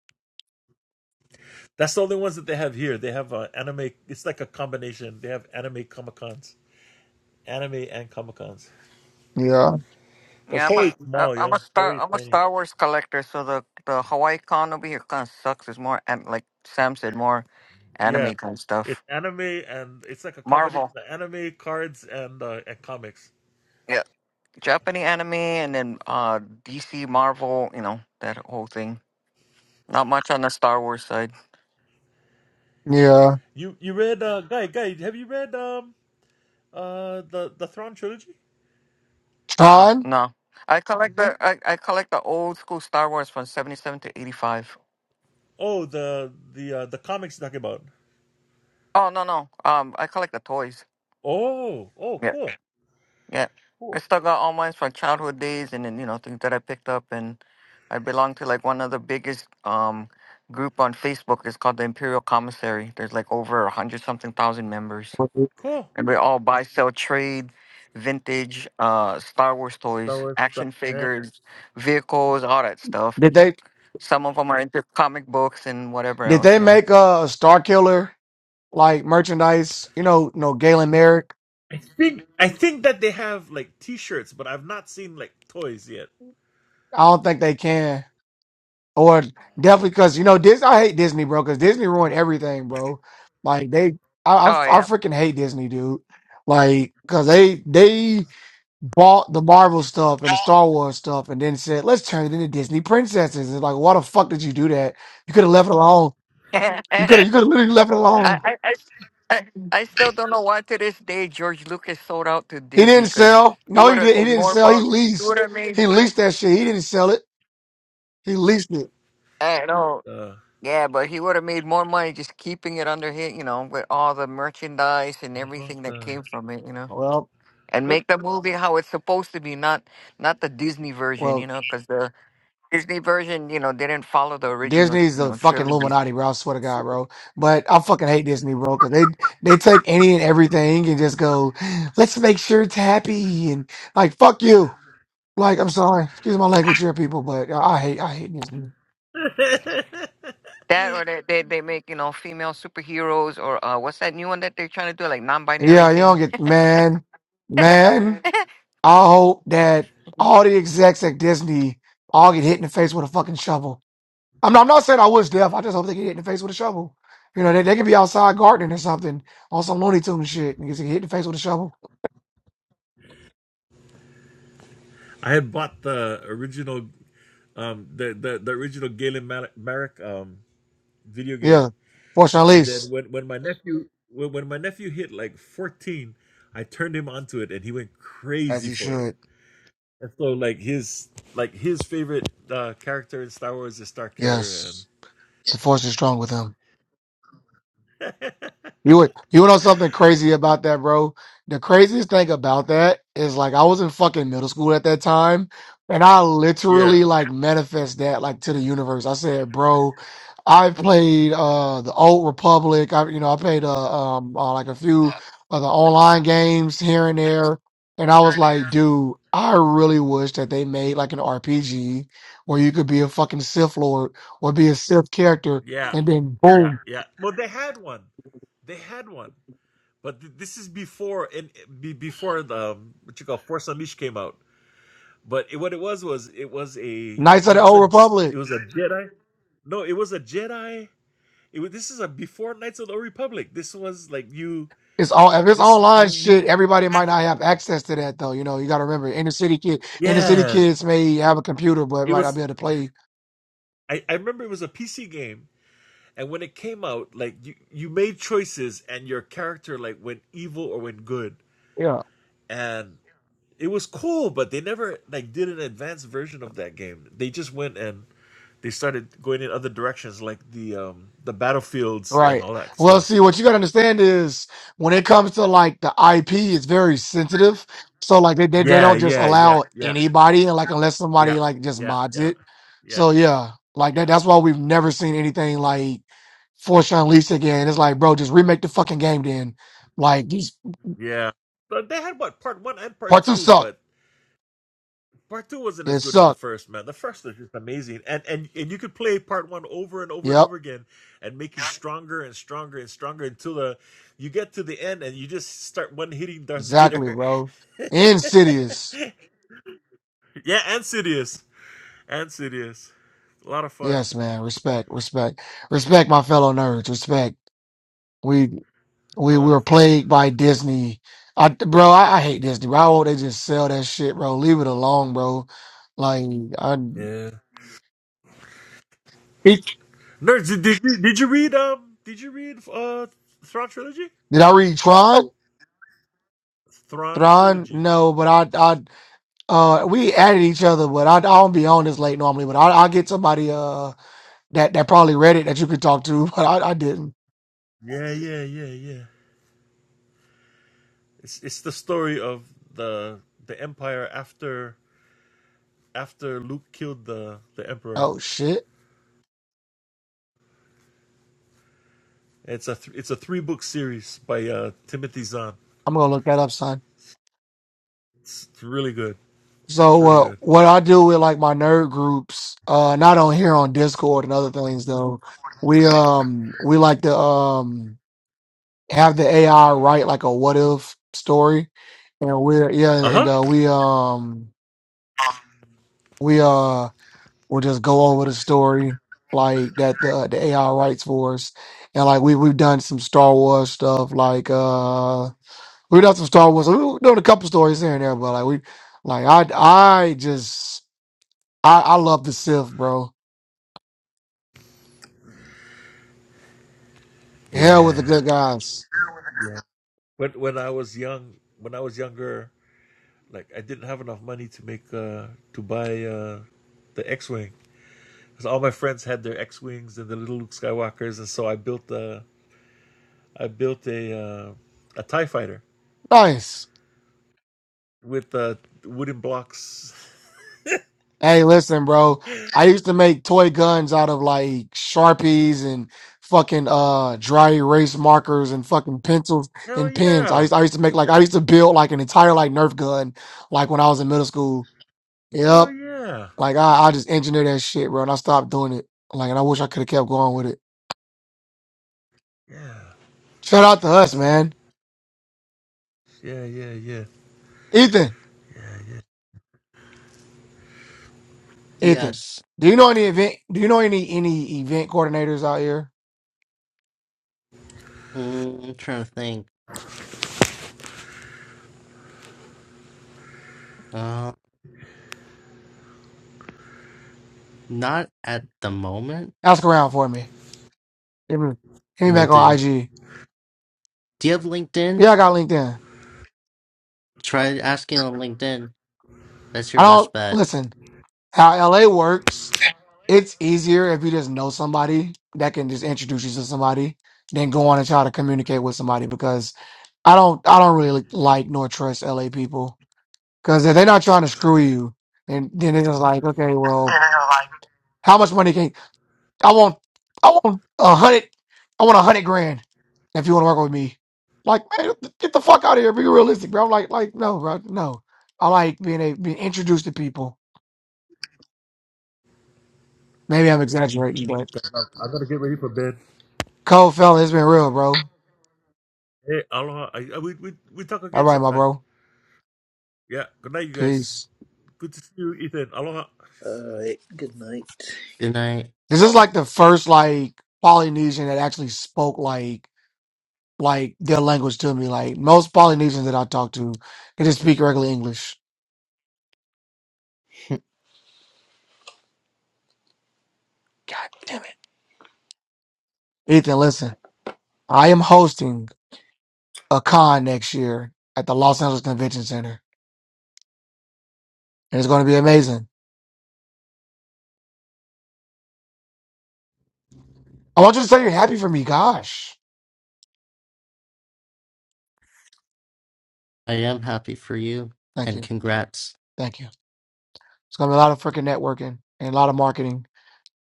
S6: That's the only ones that they have here. They have uh, anime. It's like a combination. They have anime Comic Cons, anime and Comic Cons.
S8: Yeah
S6: Because
S4: Yeah, I'm a,
S6: Holy
S4: I-
S6: small,
S4: I'm
S6: yeah.
S4: a star.
S6: Holy
S4: I'm a
S6: tiny.
S4: Star Wars collector, so the the Hawaii con over here kind of sucks. It's more an- like Sam said, more
S6: Yeah.
S4: anime kind of
S6: It's
S4: stuff.
S6: anime and it's like a combination
S4: Marvel,
S6: of anime cards and uh, and comics.
S4: yeah, Japanese anime, and then uh DC Marvel. You know that whole thing. Not much on the Star Wars side.
S8: yeah.
S6: You you read uh guy guy have you read um uh the the Thrawn trilogy?
S4: Uh uh
S8: Tron
S4: no. I collect the I, I collect the old school Star Wars from seventy seven to eighty five.
S6: Oh the the uh, the comics you're talking about.
S4: Oh no no um I collect the toys.
S6: Oh, oh,
S4: Yeah,
S6: cool,
S4: Yeah. I still got all mine from childhood days and then, you know, things that I picked up and I belong to like one of the biggest um group on Facebook. It's called the Imperial Commissary. There's like over a hundred something thousand members.
S6: cool.
S4: And we all buy, sell, trade, vintage, uh Star Wars
S6: Star
S4: toys,
S6: Wars stuff.
S4: action
S6: Yeah.
S4: figures, vehicles, all that stuff.
S8: did they
S4: Some of them are into comic books and whatever
S8: did
S4: else,
S8: they
S4: you know.
S8: make a Star Killer like merchandise? You know, no Galen Merrick.
S6: I think I think that they have like T-shirts, but I've not seen like toys yet.
S8: I don't think they can. Or definitely because you know this. I hate Disney, bro, because Disney ruined everything, bro. Like they, I, I, I
S4: Oh
S8: freaking hate Disney, dude. Like because they they bought the Marvel stuff and the Star Wars stuff, and then said let's turn it into Disney princesses. It's like why the fuck did you do that? You could have left it alone.
S4: yeah.
S8: You could have you could have literally left it
S4: I,
S8: alone.
S4: I, I, s- I- I still don't know why to this day George Lucas sold out to
S8: He
S4: Disney
S8: didn't
S4: because
S8: sell.
S4: he
S8: No,
S4: would
S8: he
S4: have
S8: didn't. He
S4: made
S8: didn't
S4: more
S8: sell. He
S4: money. He would
S8: leased.
S4: have made.
S8: He leased that shit. He didn't sell it. He leased it.
S4: I know.
S6: Uh,
S4: Yeah, but he would have made more money just keeping it under his, you know, with all the merchandise and
S6: I had bought
S4: everything that
S6: the
S4: came from it, you know,
S8: Well,
S4: and
S6: what?
S4: make the movie how it's supposed to be, not not the Disney version,
S8: well,
S4: you know, because the Disney version, you know, didn't follow the original,
S8: Disney's
S4: you
S8: the
S4: know,
S8: fucking
S4: trilogies.
S8: Illuminati, bro. I swear to God, bro. But I fucking hate Disney, bro, because they they take any and everything and just go, let's make sure it's happy and like fuck you. Like I'm sorry, excuse my language here, people, but uh, I hate I hate Disney.
S4: That or they, they they make you know female superheroes or uh what's that new one that they're trying to do like non-binary
S8: Yeah, you
S4: thing.
S8: don't get man, man.
S4: Right.
S8: I hope that all the execs at Disney all get hit in the face with a fucking shovel. I'm not, I'm not saying I wish death. I just hope they get hit in the face with a shovel. You know, they, they could be outside gardening or something on some Looney Tunes shit. and get hit in the face with a shovel.
S6: I had bought the original, um, the the, the original Galen Mal- Merrick um video
S8: Yeah.
S6: game,
S8: Fortunately, at
S6: and then
S8: least,
S6: when when my nephew when, when my nephew hit like fourteen, I turned him onto it, and he went
S8: as
S6: crazy
S8: he
S6: for it.
S8: should.
S6: And so like his like his favorite uh, character in Star Wars is Star Killer and
S8: Yes. The force is strong with him. You would, you know something crazy about that, bro? The craziest thing about that is like I was in fucking middle school at that time, and I
S6: yeah.
S8: literally like manifest that like to the universe. I said, bro, I played uh the Old Republic. I you know I played uh, um uh, like a few of the online games here and there, and I was like, dude, I really wish that they made like an RPG where you could be a fucking Sith Lord or be a Sith character,
S6: Yeah.
S8: and then
S6: Yeah,
S8: boom,
S6: yeah. Well, they had one. They had one. But th- this is before and be, before the um, what you call Force Unleashed came out. But it, what it was was it was a
S8: Knights of
S6: it
S8: the
S6: was
S8: Old
S6: a
S8: Republic.
S6: it was a Jedi. No, it was a Jedi. It was, this is a before Knights of the Old Republic. This was like you
S8: It's all if it's
S6: this
S8: online
S6: you you
S8: shit. Everybody might not have access to that though. You know, you got to remember inner city kid. Inner city
S6: yeah.
S8: kids may have a computer, but
S6: It
S8: might not
S6: was
S8: be able to play.
S6: I I remember it was a PC game and when it came out like you you made choices and your character like went evil or went good
S8: Yeah,
S6: and it was cool but they never like did an advanced version of that game they just went and they started going in other directions like the um the battlefields and
S8: right.
S6: all that
S8: Well,
S6: stuff
S8: see, what you got to understand is when it comes to like the IP, it's very sensitive. So like they they, they
S6: yeah
S8: don't just
S6: yeah yeah
S8: allow
S6: yeah
S8: anybody, and like unless
S6: yeah
S8: somebody like just
S6: yeah
S8: mods
S6: yeah
S8: it.
S6: yeah
S8: So yeah, like that.
S6: yeah
S8: That's why we've never seen anything like Force Unleashed again. It's like, bro, just remake the fucking game then. Like these
S6: yeah but they had what part one and part
S8: parts of
S6: two
S8: suck.
S6: but Part two wasn't as
S8: It
S6: good as the
S8: suck.
S6: first, man. The first was just amazing, and and and you could play part one over and over and
S8: Yep.
S6: over again, and make you stronger and stronger and stronger until the you get to the end and you just start one hitting Darth
S8: Exactly,
S6: Vader.
S8: bro. Insidious.
S6: yeah, and Sidious, and Sidious. A lot of fun.
S8: Yes, man. Respect, respect, respect. My fellow nerds. Respect. We
S6: A
S8: we we
S6: lot of
S8: were
S6: fun.
S8: plagued by Disney. I, bro, I, I hate Disney. Bro, I hope they just sell that shit, bro. Leave it alone, bro. Like, I
S6: Yeah. Nerds, did, did you did you read um did you read uh Thrawn trilogy?
S8: did I read Tron?
S6: Thrawn
S8: Tron?
S6: trilogy.
S8: No, but I I uh we added each other, but I, I don't be on this late normally. But I I get somebody uh that that probably read it that you could talk to, but I I didn't.
S6: Yeah, yeah, yeah, yeah. It's it's the story of the the empire after after Luke killed the the emperor.
S8: Oh shit.
S6: It's a th- it's a three book series by uh, Timothy Zahn.
S8: I'm gonna look that up, son.
S6: It's, it's really good. It's
S8: So
S6: really
S8: uh,
S6: good.
S8: what I do with like my nerd groups, uh, not on here on Discord and other things though, we um we like to um have the AI write like a what if story, and we're yeah,
S6: Uh
S8: and
S6: huh.
S8: uh, we um we uh we'll just go over the story like that the the AI writes for us, and like we we've done some Star Wars stuff like uh we've done some Star Wars, we've done a couple stories here and there, but like we like I I just. I, I love the Sith, bro. Hell with
S6: Yeah.
S8: the good guys.
S6: Yeah. When when I was young, when I was younger, like I didn't have enough money to make uh to buy uh the X wing because all my friends had their X wings and the little Luke Skywalkers, and so I built a I built a uh, a Tie fighter
S8: Nice.
S6: with uh, wooden blocks
S8: Hey, listen, bro. I used to make toy guns out of like Sharpies and fucking uh dry erase markers and fucking pencils
S6: Hell
S8: and pens. I
S6: yeah.
S8: used I used to make like I used to build like an entire like Nerf gun like when I was in middle school. Yep.
S6: Hell yeah.
S8: Like I, I just engineered that shit, bro, and I stopped doing it. Like and I wish I could have kept going with it.
S6: Yeah.
S8: Shout out to us, man.
S6: Yeah. Yeah. Yeah.
S8: Ethan. Ethan.
S7: yes.
S8: Do you know any event do you know any any event coordinators out here?
S7: Mm, I'm trying to think. Uh, not at the moment.
S8: Ask around for me. Hit me, hit me
S7: Will
S8: back on
S7: do.
S8: IG.
S7: Do you have LinkedIn?
S8: Yeah, I got LinkedIn.
S7: Try asking on LinkedIn. That's
S8: I
S7: your best
S8: don't
S7: bet.
S8: listen. How LA works, it's easier if you just know somebody that can just introduce you to somebody than go on and try to communicate with somebody because I don't I don't really like nor trust LA people because if they're not trying to screw you, and then then it's just like okay, well, how much money can I want I want a hundred I want a hundred grand if you want to work with me. Like, man, get the fuck out of here. Be realistic, bro. I'm like, like, no, bro, no. I like being a, being introduced to people. Maybe I'm exaggerating, but
S6: I gotta get ready for bed.
S8: cold fella, it's been real, bro.
S6: Hey, aloha. I, I, we we we talk
S8: All
S6: again
S8: right, my
S6: sometime.
S8: bro.
S6: Yeah. Good night, you guys.
S8: Peace.
S6: Good to see you, Ethan. Aloha.
S1: All right. Good night.
S7: And I,
S8: This is like the first like Polynesian that actually spoke like like their language to me. Like most Polynesians that I talk to, they just speak regular English. God damn it, Ethan. Listen, I am hosting a con next year at the Los Angeles Convention Center, and it's going to be amazing. I want you to say you're happy for me. Gosh,
S7: I am happy for you.
S8: thank
S7: And
S8: you,
S7: congrats.
S8: thank you. It's going to be a lot of freaking networking and a lot of marketing.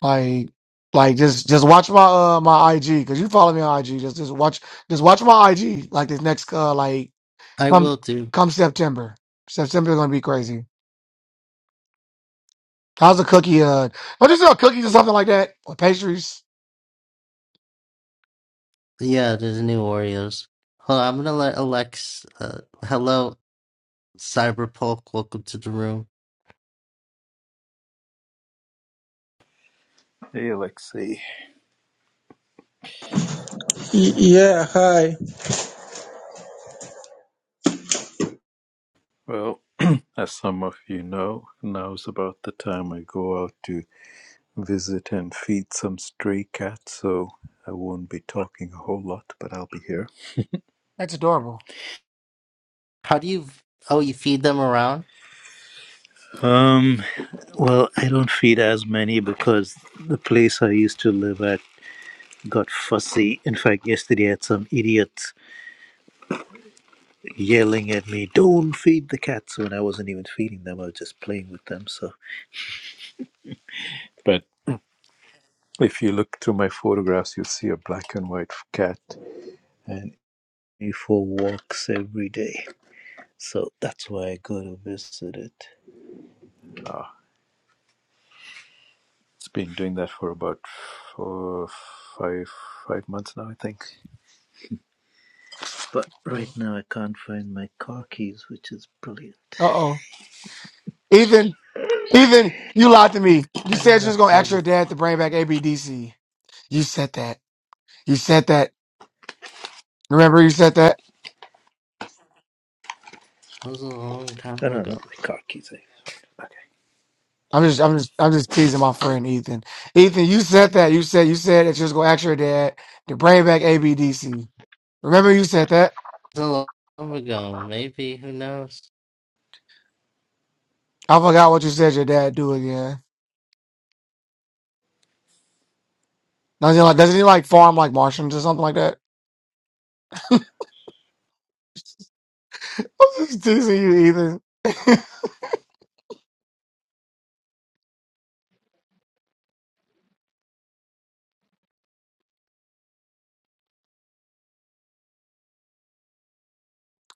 S8: Like, like just just watch my uh my IG because you follow me on IG. Just just watch just watch my IG. Like this next uh like
S7: I
S8: come
S7: will do.
S8: come September. September's going to be crazy. How's a cookie? Uh, i just sell cookies or something like that or pastries.
S7: Yeah, there's new Oreos. Hold on, I'm gonna let Alex. Uh, hello, Cyberpunk. Welcome to the room.
S1: Hey, Alexei.
S9: Y- Yeah, hi.
S1: Well, as some of you know, now's about the time I go out to visit and feed some stray cats, so I won't be talking a whole lot, but I'll be here.
S8: That's adorable.
S7: How do you? Oh, you feed them around.
S1: Um, well, I don't feed as many because the place I used to live at got fussy. In fact, yesterday I had some idiot yelling at me, Don't feed the cats, when I wasn't even feeding them, I was just playing with them, so. But if you look through my photographs, you'll see a black and white cat and he for walks every day. So that's why I go to visit it. Uh, it's been doing that for about four, five, five months now, I think. But
S8: Uh
S1: right now I can't find my car keys, which is brilliant.
S8: oh, Ethan. Even you lied to me. You
S1: I don't
S8: said you
S1: know
S8: was gonna
S1: how
S8: ask your
S1: this.
S8: dad to bring back ABDC. You said that. You said that. Remember you said that?
S7: That was a long time
S1: I don't know
S7: ago.
S1: my car keys. I. Okay.
S8: I'm just I'm just I'm just teasing my friend Ethan. Ethan, you said that. You said you said that you was gonna ask your dad to bring back ABDC. Remember you said that?
S7: That was a long time ago. Maybe who knows?
S8: I forgot what you said your dad do again. Doesn't he like doesn't he like farm like Martians or something like that? I'm just teasing you, Ethan.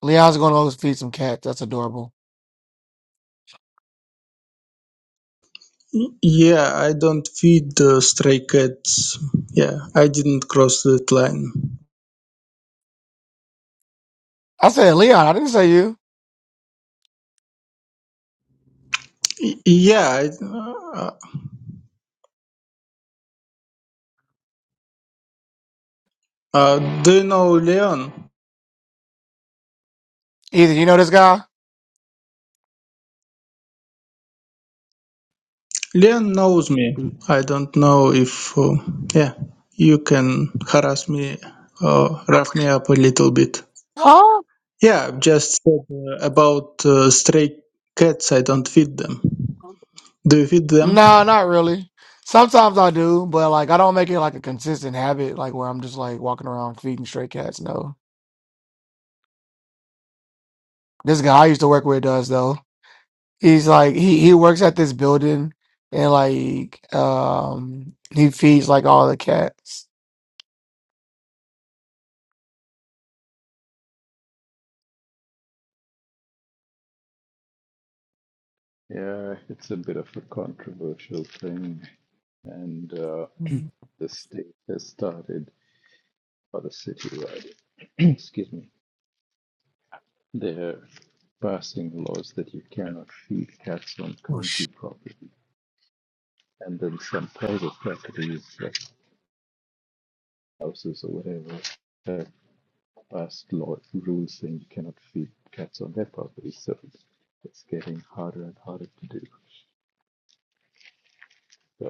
S8: Leon's gonna go feed some cats. That's adorable.
S9: Y- Yeah, I don't feed uh, stray cats. Yeah, I didn't cross that line.
S8: I said Leon, I didn't say you.
S9: Y- Yeah, I, uh, uh, do you know Leon?
S8: Either you know this guy?
S9: Leon knows me. I don't know if, uh, yeah, you can harass me or rough me up a little bit.
S8: Oh,
S9: Yeah, I've just said uh, about uh, stray cats, I don't feed them. Do you feed them?
S8: No, not really. Sometimes I do, but like I don't make it like a consistent habit, like where I'm just like walking around feeding stray cats. No, this guy I used to work with does though. He's like he he works at this building and like um he feeds like all the cats.
S1: Yeah, it's a bit of a controversial thing, and uh, the state has started, or the city rather, excuse me, They're passing laws that you cannot feed cats on county property. And then some private properties, like houses or whatever, have passed law rules saying you cannot feed cats on their property. So it's getting harder and harder to do. So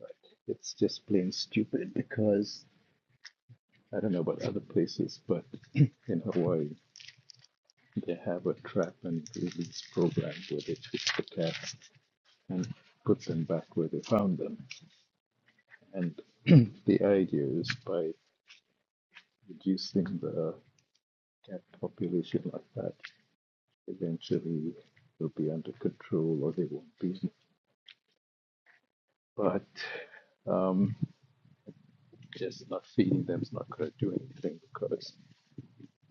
S1: like, it's just plain stupid because I don't know about other places, but in Hawaii they have a trap and release program where they fix the cats and put them back where they found them. And the idea is by reducing the cat population like that, eventually they'll be under control or they won't be. But um, just not feeding them is not going to do anything because,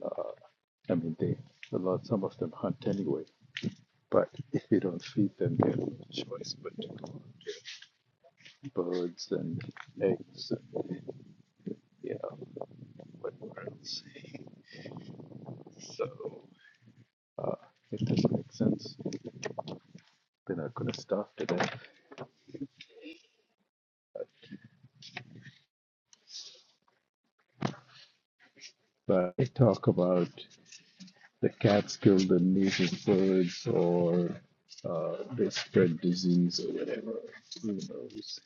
S1: uh, I mean, they a lot, some of them hunt anyway. But if you don't feed them, they have no choice but to go out and get birds and eggs and, you know, whatever else. So uh, it doesn't make sense. They're not going to starve to death but they talk about the cats kill the native birds or uh, they spread disease or whatever. Who knows?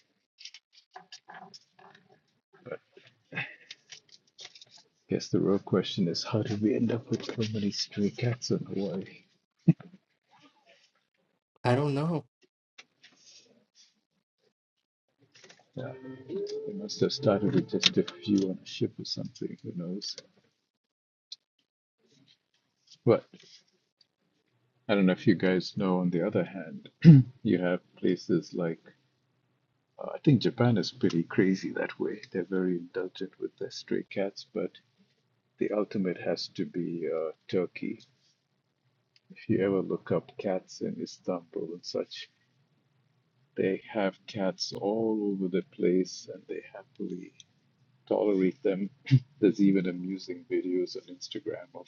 S1: I guess the real question is how did we end up with so many stray cats in Hawaii?
S7: I don't know.
S1: Yeah, they must have started with just a few on a ship or something. Who knows? But I don't know if you guys know. On the other hand, you have places like uh, I think Japan is pretty crazy that way. They're very indulgent with their stray cats, but The ultimate has to be uh, Turkey. If you ever look up cats in Istanbul and such, they have cats all over the place and they happily tolerate them. There's even amusing videos on Instagram of,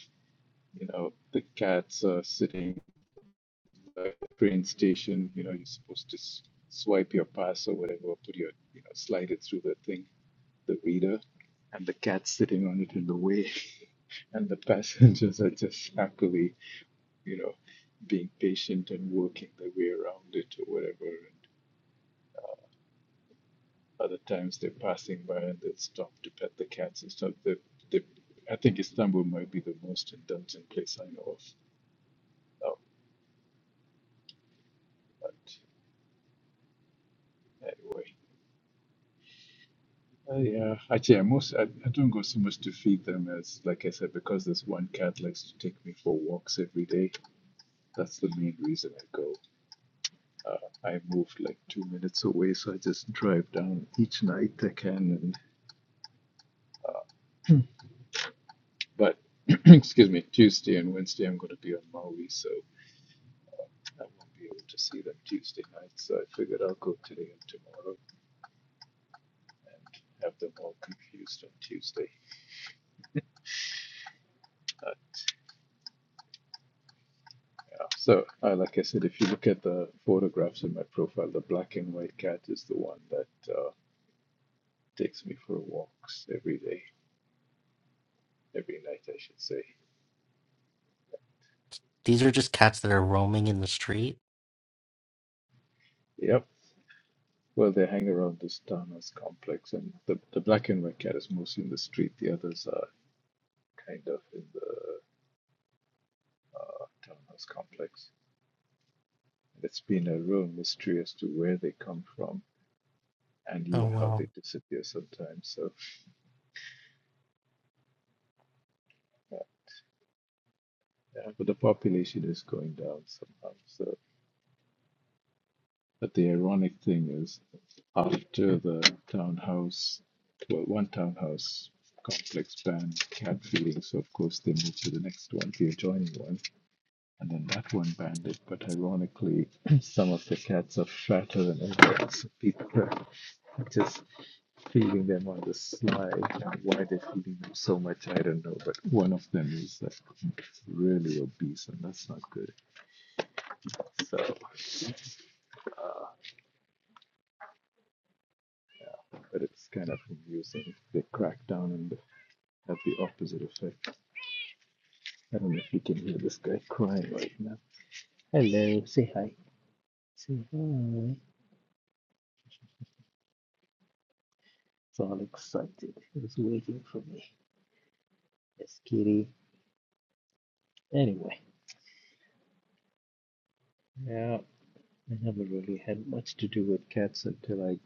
S1: you know, the cats uh, sitting at the train station. You know, you're supposed to s- swipe your pass or whatever, or put your, you know, slide it through the thing, the reader, and the cat's sitting on it in the way and the passengers are just happily you know, being patient and working their way around it or whatever. And other times they're passing by and they'll stop to pet the cats and stuff. They, they, I think Istanbul might be the most indulgent place I know of. Oh, but anyway. Uh, yeah, actually, I most I, I don't go so much to feed them as, like I said, because this one cat likes to take me for walks every day. That's the main reason I go. Uh, I move like two minutes away, so I just drive down each night I can But excuse me, Tuesday and Wednesday I'm going to be on Maui, so I won't be able to see them Tuesday night. So I figured I'll go today and tomorrow and have them all confused on Tuesday. Uh, yeah. So, uh, like I said, if you look at the photographs in my profile, the black and white cat is the one that uh, takes me for walks every day, every night, I should say.
S7: These are just cats that are roaming in the street.
S1: Yep. Well, they hang around this Tana's complex, and the, the black and white cat is mostly in the street. The others are kind of in the uh, Terminus complex. It's been a real mystery as to where they come from and
S7: Oh
S1: even how
S7: well.
S1: they disappear sometimes. So, uh, yeah, but the population is going down somehow. So, but the ironic thing is, after the townhouse, well, one townhouse complex banned cat feeding, so of course they moved to the next one, the adjoining one. And then that one bandit. but ironically, some of the cats are fatter than ever. So people are just feeding them on the sly. Now, why they're feeding them so much, I don't know. But one of them is like really obese, and that's not good. So, but it's kind of amusing. They crack down and have the opposite effect. I don't know if you can hear this guy crying right now. Hello, say hi. Say hi. It's all excited. It was waiting for me. Yes, kitty. Anyway, yeah, I never really had much to do with cats until I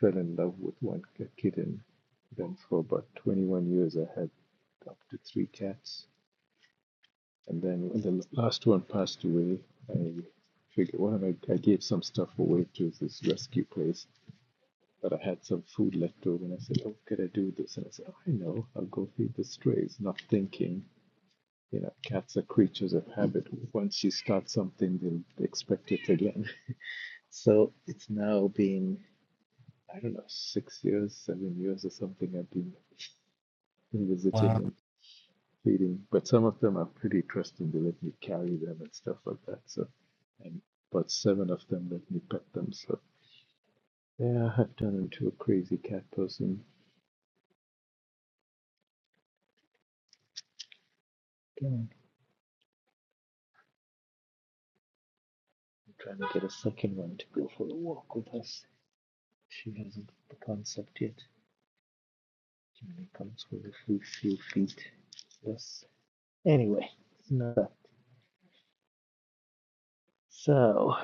S1: fell in love with one kitten. Then for about 21 years, I had up to three cats. And then when the last one passed away, I figured, well, I, I gave some stuff away to this rescue place, but I had some food left over, and I said, oh, what could I do with this? And I said, oh, I know, I'll go feed the strays, not thinking. You know, cats are creatures of habit. Once you start something, they'll expect it again. So it's now been, I don't know, six years, seven years or something I've been visiting
S7: Well,
S1: and feeding, but some of them are pretty trusting. They let me carry them and stuff like that. So, and but seven of them let me pet them. So yeah, I've turned into a crazy cat person. Yeah, I'm trying to get a second one to go for a walk with us. She hasn't the concept yet. She only comes with a few, few feet. Yes. Anyway, it's not that. So.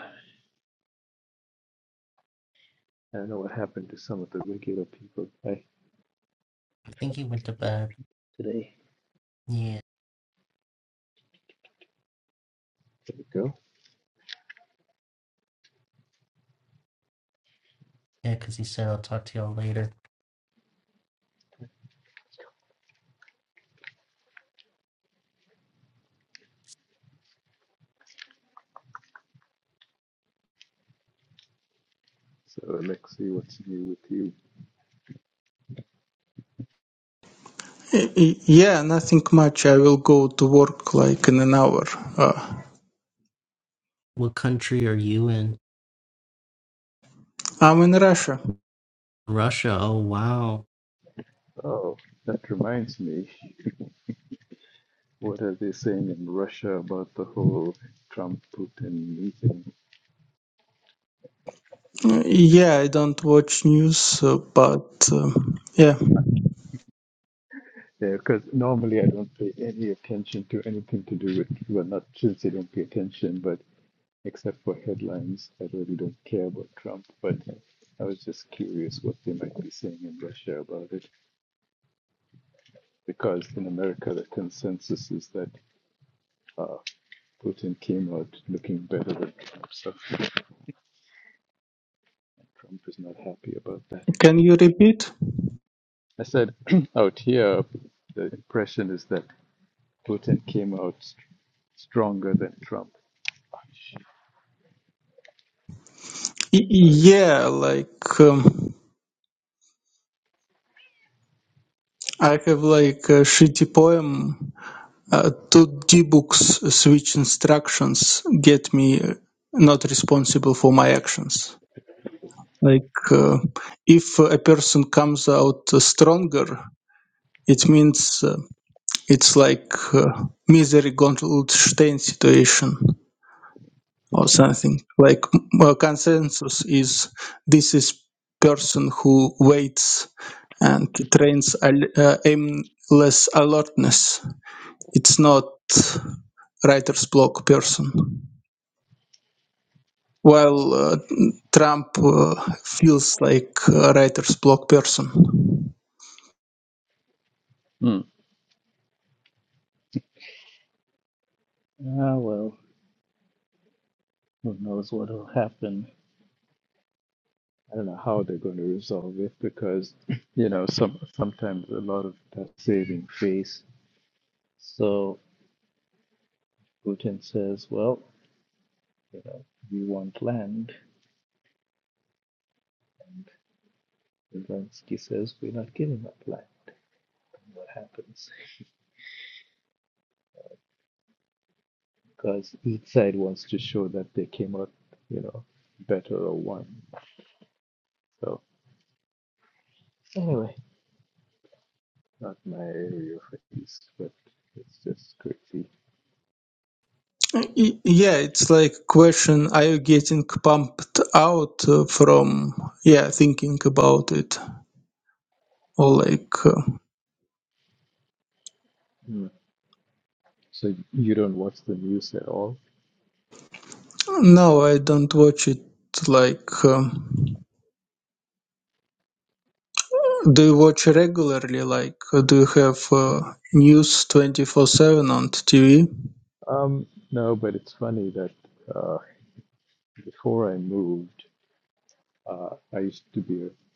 S1: I don't know what happened to some of the regular people. I
S7: I think he went to bed.
S1: today.
S7: Yeah,
S1: There we go.
S7: yeah, because he said I'll talk to y'all later.
S1: So let's see what's new with you?
S9: Yeah, nothing much. I will go to work like in an hour. Uh,
S7: What country are you in?
S9: I'm in Russia.
S7: Russia. Oh wow.
S1: Oh, that reminds me. What are they saying in Russia about the whole Trump-Putin meeting?
S9: Uh, Yeah, I don't watch news, uh, but um, yeah.
S1: Because yeah, normally I don't pay any attention to anything to do with, well, not since they don't pay attention, but except for headlines, I really don't care about Trump. But I was just curious what they might be saying in Russia about it, because in America the consensus is that Uh, Putin came out looking better than Trump, so Trump is not happy about that.
S9: Can you repeat?
S1: I said out here, the impression is that Putin came out st- stronger than Trump.
S9: Y-
S1: Sorry.
S9: yeah, like um, I have like a shitty poem. Uh, to debux switch instructions get me uh, not responsible for my actions. Like uh, if a person comes out stronger, it means. uh, It's like uh, misery Goldstein situation or something. Like m- uh, consensus is this is person who waits and trains al- uh, aimless alertness. It's not writer's block person. While uh, Trump uh, feels like a writer's block person.
S1: Hmm. Ah, well, who knows what will happen. I don't know how they're going to resolve it because, you know, some sometimes a lot of that saving face. So Putin says, well, you know, we want land. And Zelensky says, we're not giving up land. What happens? because each side wants to show that they came out, you know, better or won. So anyway, not my area of expertise, but it's just crazy.
S9: Y- Yeah, it's like question, are you getting pumped out uh, from, yeah, thinking about it? Or like, uh,
S1: Mm. So you don't watch the news at all?
S9: no, I don't watch it. Like, um, do you watch regularly? Like, uh, do you have uh, news 24/7 on the TV?
S1: Um, no, but it's funny that uh, before I moved, uh, I used to be a,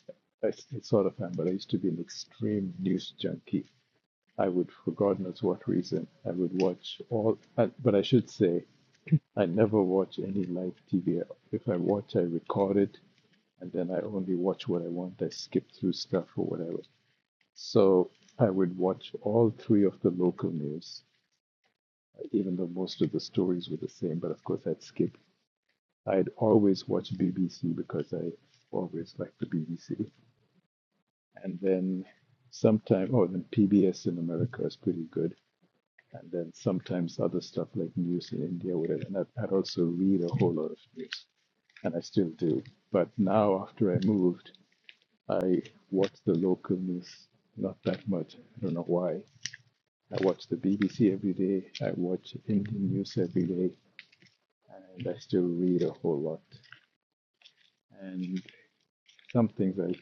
S1: I still sort of am, but I used to be an extreme news junkie. I would, for God knows what reason, I would watch all, uh, but I should say I never watch any live TV. If I watch, I record it, and then I only watch what I want. I skip through stuff or whatever. So I would watch all three of the local news, even though most of the stories were the same. But of course, I'd skip. I'd always watch BBC because I always liked the BBC, and then sometimes, oh, then PBS in America is pretty good. And then sometimes other stuff like news in India, whatever. And I'd I'd also read a whole lot of news. and I still do. But now, after I moved, I watch the local news not that much. I don't know why. I watch the BBC every day. I watch Indian news every day, and I still read a whole lot. And some things I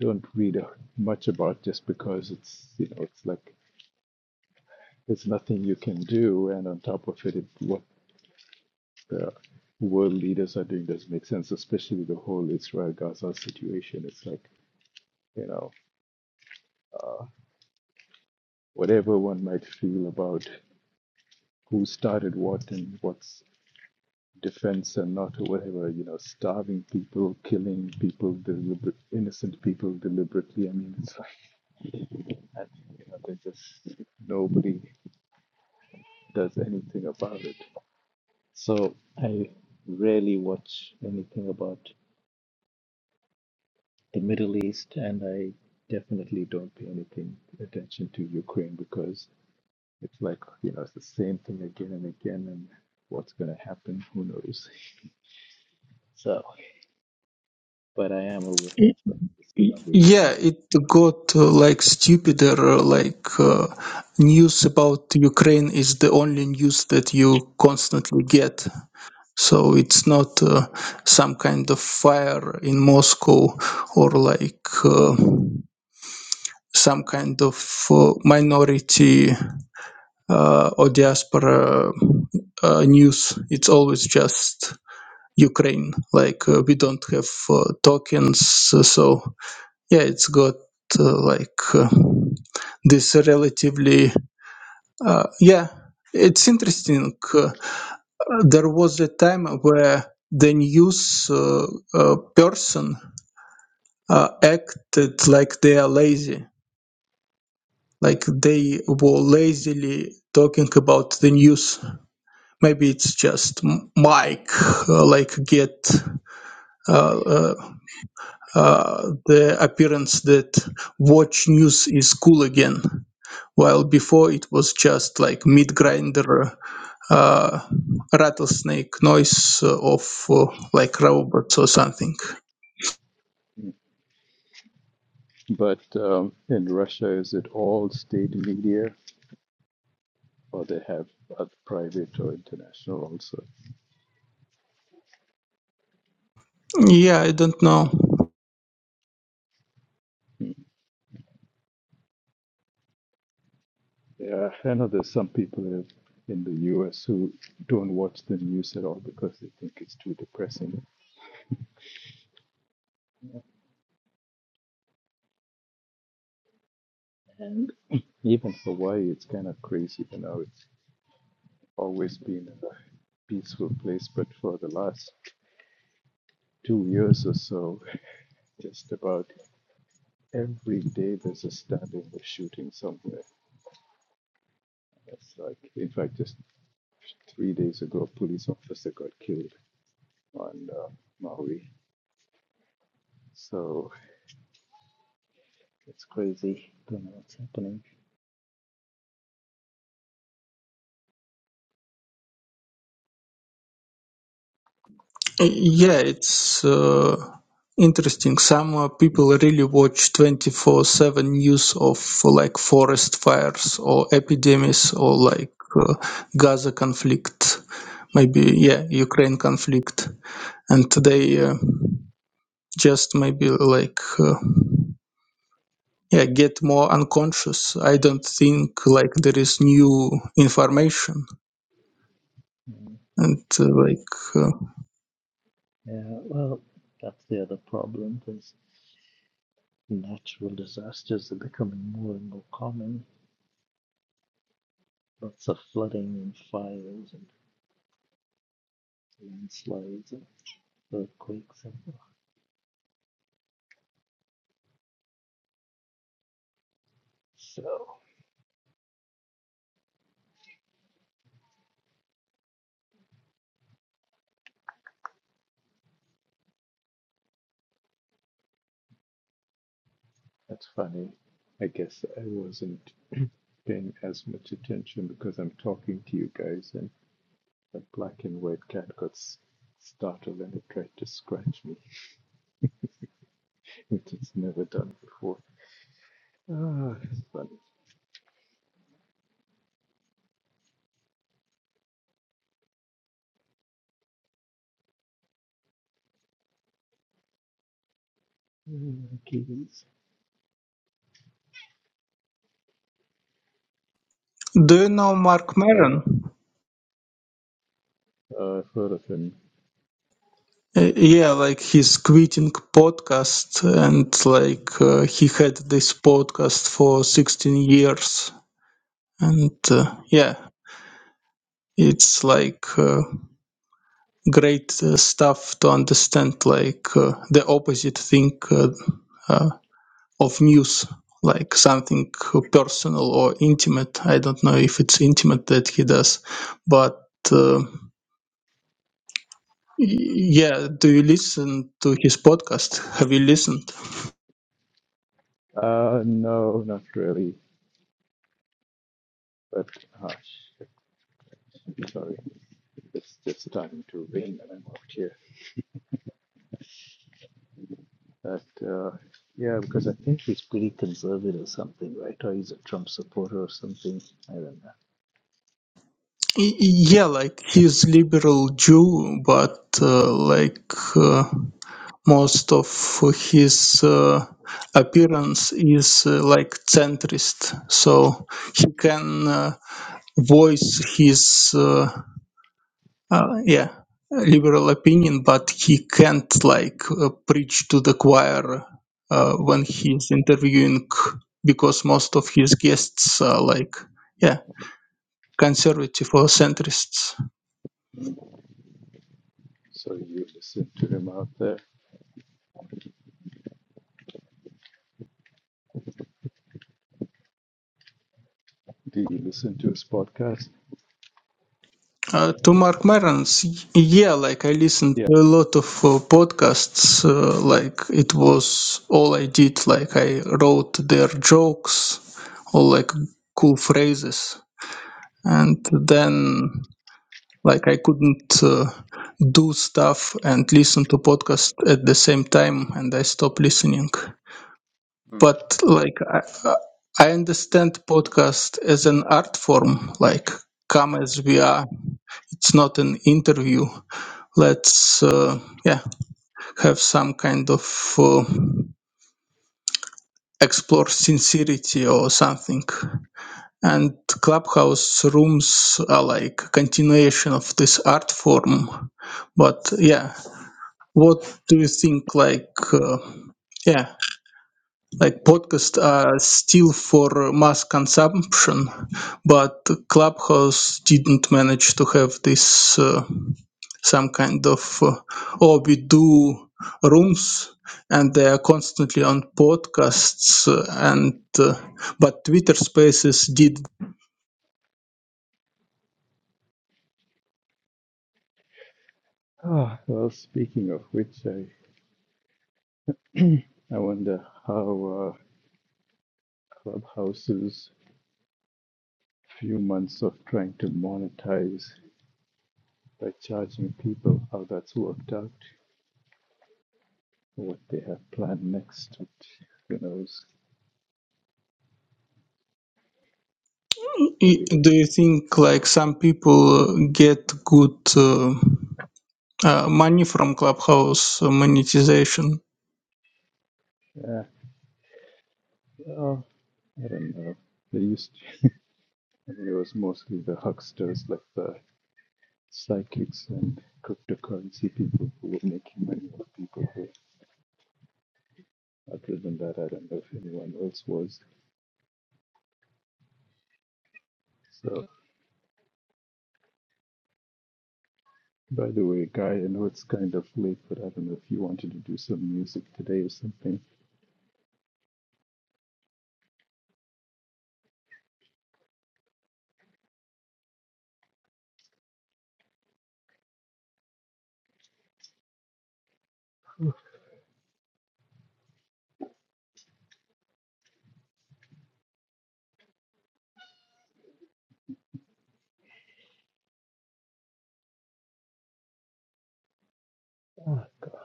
S1: don't read a- much about just because it's you know it's like there's nothing you can do, and on top of it, it what the world leaders are doing doesn't make sense, especially the whole Israel Gaza situation. It's like you know whatever one might feel about who started what and what's defense and not or whatever, you know, starving people, killing people, deliberate, innocent people deliberately. I mean, it's like, and, you know, they just, nobody does anything about it. So I rarely watch anything about the Middle East and I definitely don't pay anything attention to Ukraine because it's like, you know, it's the same thing again and again and what's going to happen, who knows. So, but I am aware of this foundation.
S9: Yeah, it got uh, like stupider, uh, like uh, news about Ukraine is the only news that you constantly get. So it's not uh, some kind of fire in Moscow or like uh, some kind of uh, minority uh, or diaspora uh, news. It's always just Ukraine. Like uh, we don't have uh, tokens. So yeah, it's got uh, like uh, this relatively, uh, yeah, it's interesting. uh, there was a time where the news uh, uh, person uh, acted like they are lazy, like they were lazily talking about the news. Maybe it's just m- Mike, uh, like get uh, uh, uh, the appearance that watch news is cool again. while before it was just like meat grinder uh, rattlesnake noise uh, of uh, like robots or something
S1: But um, in Russia, is it all state media, or they have other private or international also?
S9: yeah i don't know
S1: Yeah, I know there's some people in in the U.S. who don't watch the news at all because they think it's too depressing. And even Hawaii, it's kind of crazy. You know, it's always been a peaceful place, but for the last two years or so, just about Every day there's a stabbing or shooting somewhere. It's like, in fact, just three days ago, a police officer got killed on uh, Maui. So it's crazy. Don't know what's happening.
S9: yeah it's uh, interesting some uh, people really watch 24/7 news of uh, like forest fires or epidemics or like uh, gaza conflict maybe yeah ukraine conflict and they uh, just maybe like uh, yeah, get more unconscious. I don't think like there is new information. And uh, like, uh,
S1: Yeah, well, that's the other problem. There's natural disasters are becoming more and more common. Lots of flooding and fires and landslides and earthquakes. And so That's funny. I guess I wasn't paying as much attention because I'm talking to you guys, and the black and white cat got s- startled and it tried to scratch me, which it's never done before. Ah, it's funny. Mm, Kitties.
S9: do you know Mark
S1: Right,
S9: Maron?
S1: uh, I've heard of him.
S9: Uh, yeah, like he's quitting podcast, and like uh, he had this podcast for sixteen years, and uh, yeah, it's like uh, great uh, stuff to understand like uh, the opposite thing. Uh, uh, of news, like something personal or intimate. I don't know if it's intimate that he does, but uh, yeah, do you listen to his podcast? Have you listened?
S1: Uh, no, not really. But, ah, shit. I'm Sorry. It's just starting to rain and I'm out here. But, uh, yeah, because I think he's pretty conservative or something, right? Or he's a Trump
S9: Y- yeah, like he's liberal Jew, but uh, like uh, most of his uh, appearance is uh, like centrist, so he can. Uh, voice his uh, uh, yeah liberal opinion but he can't like uh, preach to the choir uh, when he's interviewing because most of his guests are like yeah conservative or centrists
S1: So you listen to him out there. Do you listen to his podcast?
S9: uh, to mark Maron's, y- yeah like i listened
S1: Yeah.
S9: to a lot of uh, podcasts uh, like it was all i did like i wrote their jokes or like cool phrases and then like i couldn't uh, do stuff and listen to podcast at the same time and i stopped listening but like i, I understand podcast as an art form like come as we are it's not an interview let's uh, yeah have some kind of uh, explore sincerity or something and clubhouse rooms are like continuation of this art form but yeah What do you think? Like, uh, yeah, like podcasts are still for mass consumption, but Clubhouse didn't manage to have this uh, some kind of uh, oh, we do rooms and they are constantly on podcasts uh, and uh, but Twitter Spaces did.
S1: Ah, well, speaking of which, I I wonder how uh, Clubhouse's few months of trying to monetize by charging people, how that's worked out, what they have planned next. who knows?
S9: I-
S1: Anyway,
S9: Do you think like some people uh, get good? Uh, uh, money from clubhouse uh, monetization
S1: yeah, well, I don't know. They used. to. I mean, it was mostly the hucksters like the psychics and cryptocurrency people who were making money off people who other than that. I don't know if anyone else was. So, by the way, Guy, I know it's kind of late, but I don't know if you wanted to do some music today or something. Oh, God.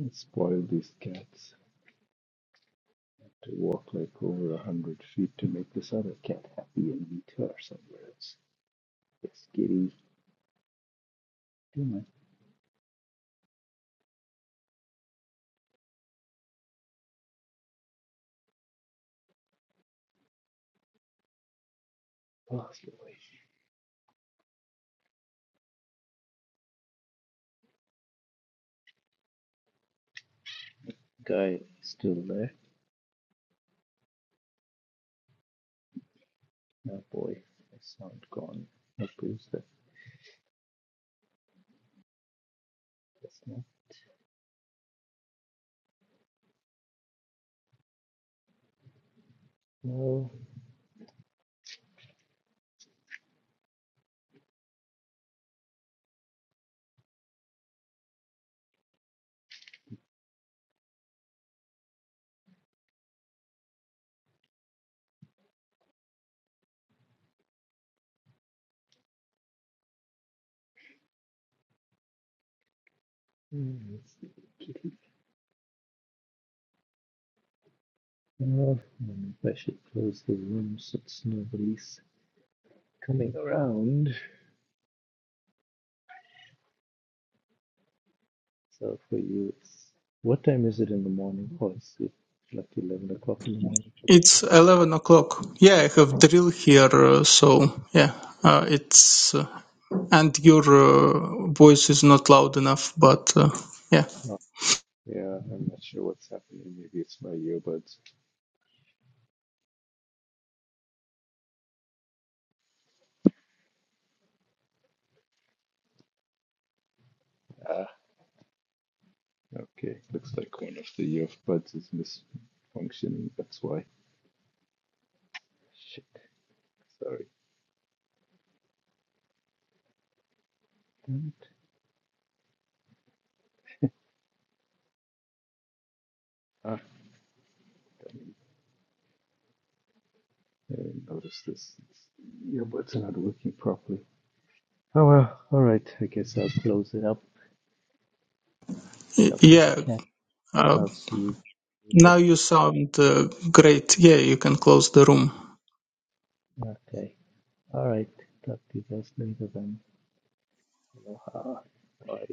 S1: I spoiled these cats to walk like over a hundred feet to make this other cat happy and meet her somewhere else. Yes, kitty. Come on. Oh, boy. Guy, still there? No, boy. I sound gone. What is that? That's not No, mm, no. Maybe I should close the room since nobody's coming around. So for you, it's, what time is it in the morning? Oh, it's it's like 11 o'clock in the morning. for the
S9: It's 11 o'clock. Yeah, I have drill here, uh, so yeah, uh, it's uh, and your uh, voice is not loud enough, but uh, yeah,
S1: Oh, Yeah, I'm not sure what's happening. Maybe it's my earbuds. Ah, okay. Looks like one of the earbuds is misfunctioning. That's why. Shit, sorry. damn it. Ah, I didn't notice this. It's, earbuds are not working properly. Oh well, alright, I guess I'll close it up,
S9: Y-
S1: shuffle the
S9: yeah.
S1: cat,
S9: Uh,
S1: I'll see you
S9: now
S1: there.
S9: you sound uh, great. Yeah, you can close the room.
S1: Okay, alright, talk to you guys later then. Aloha. Bye.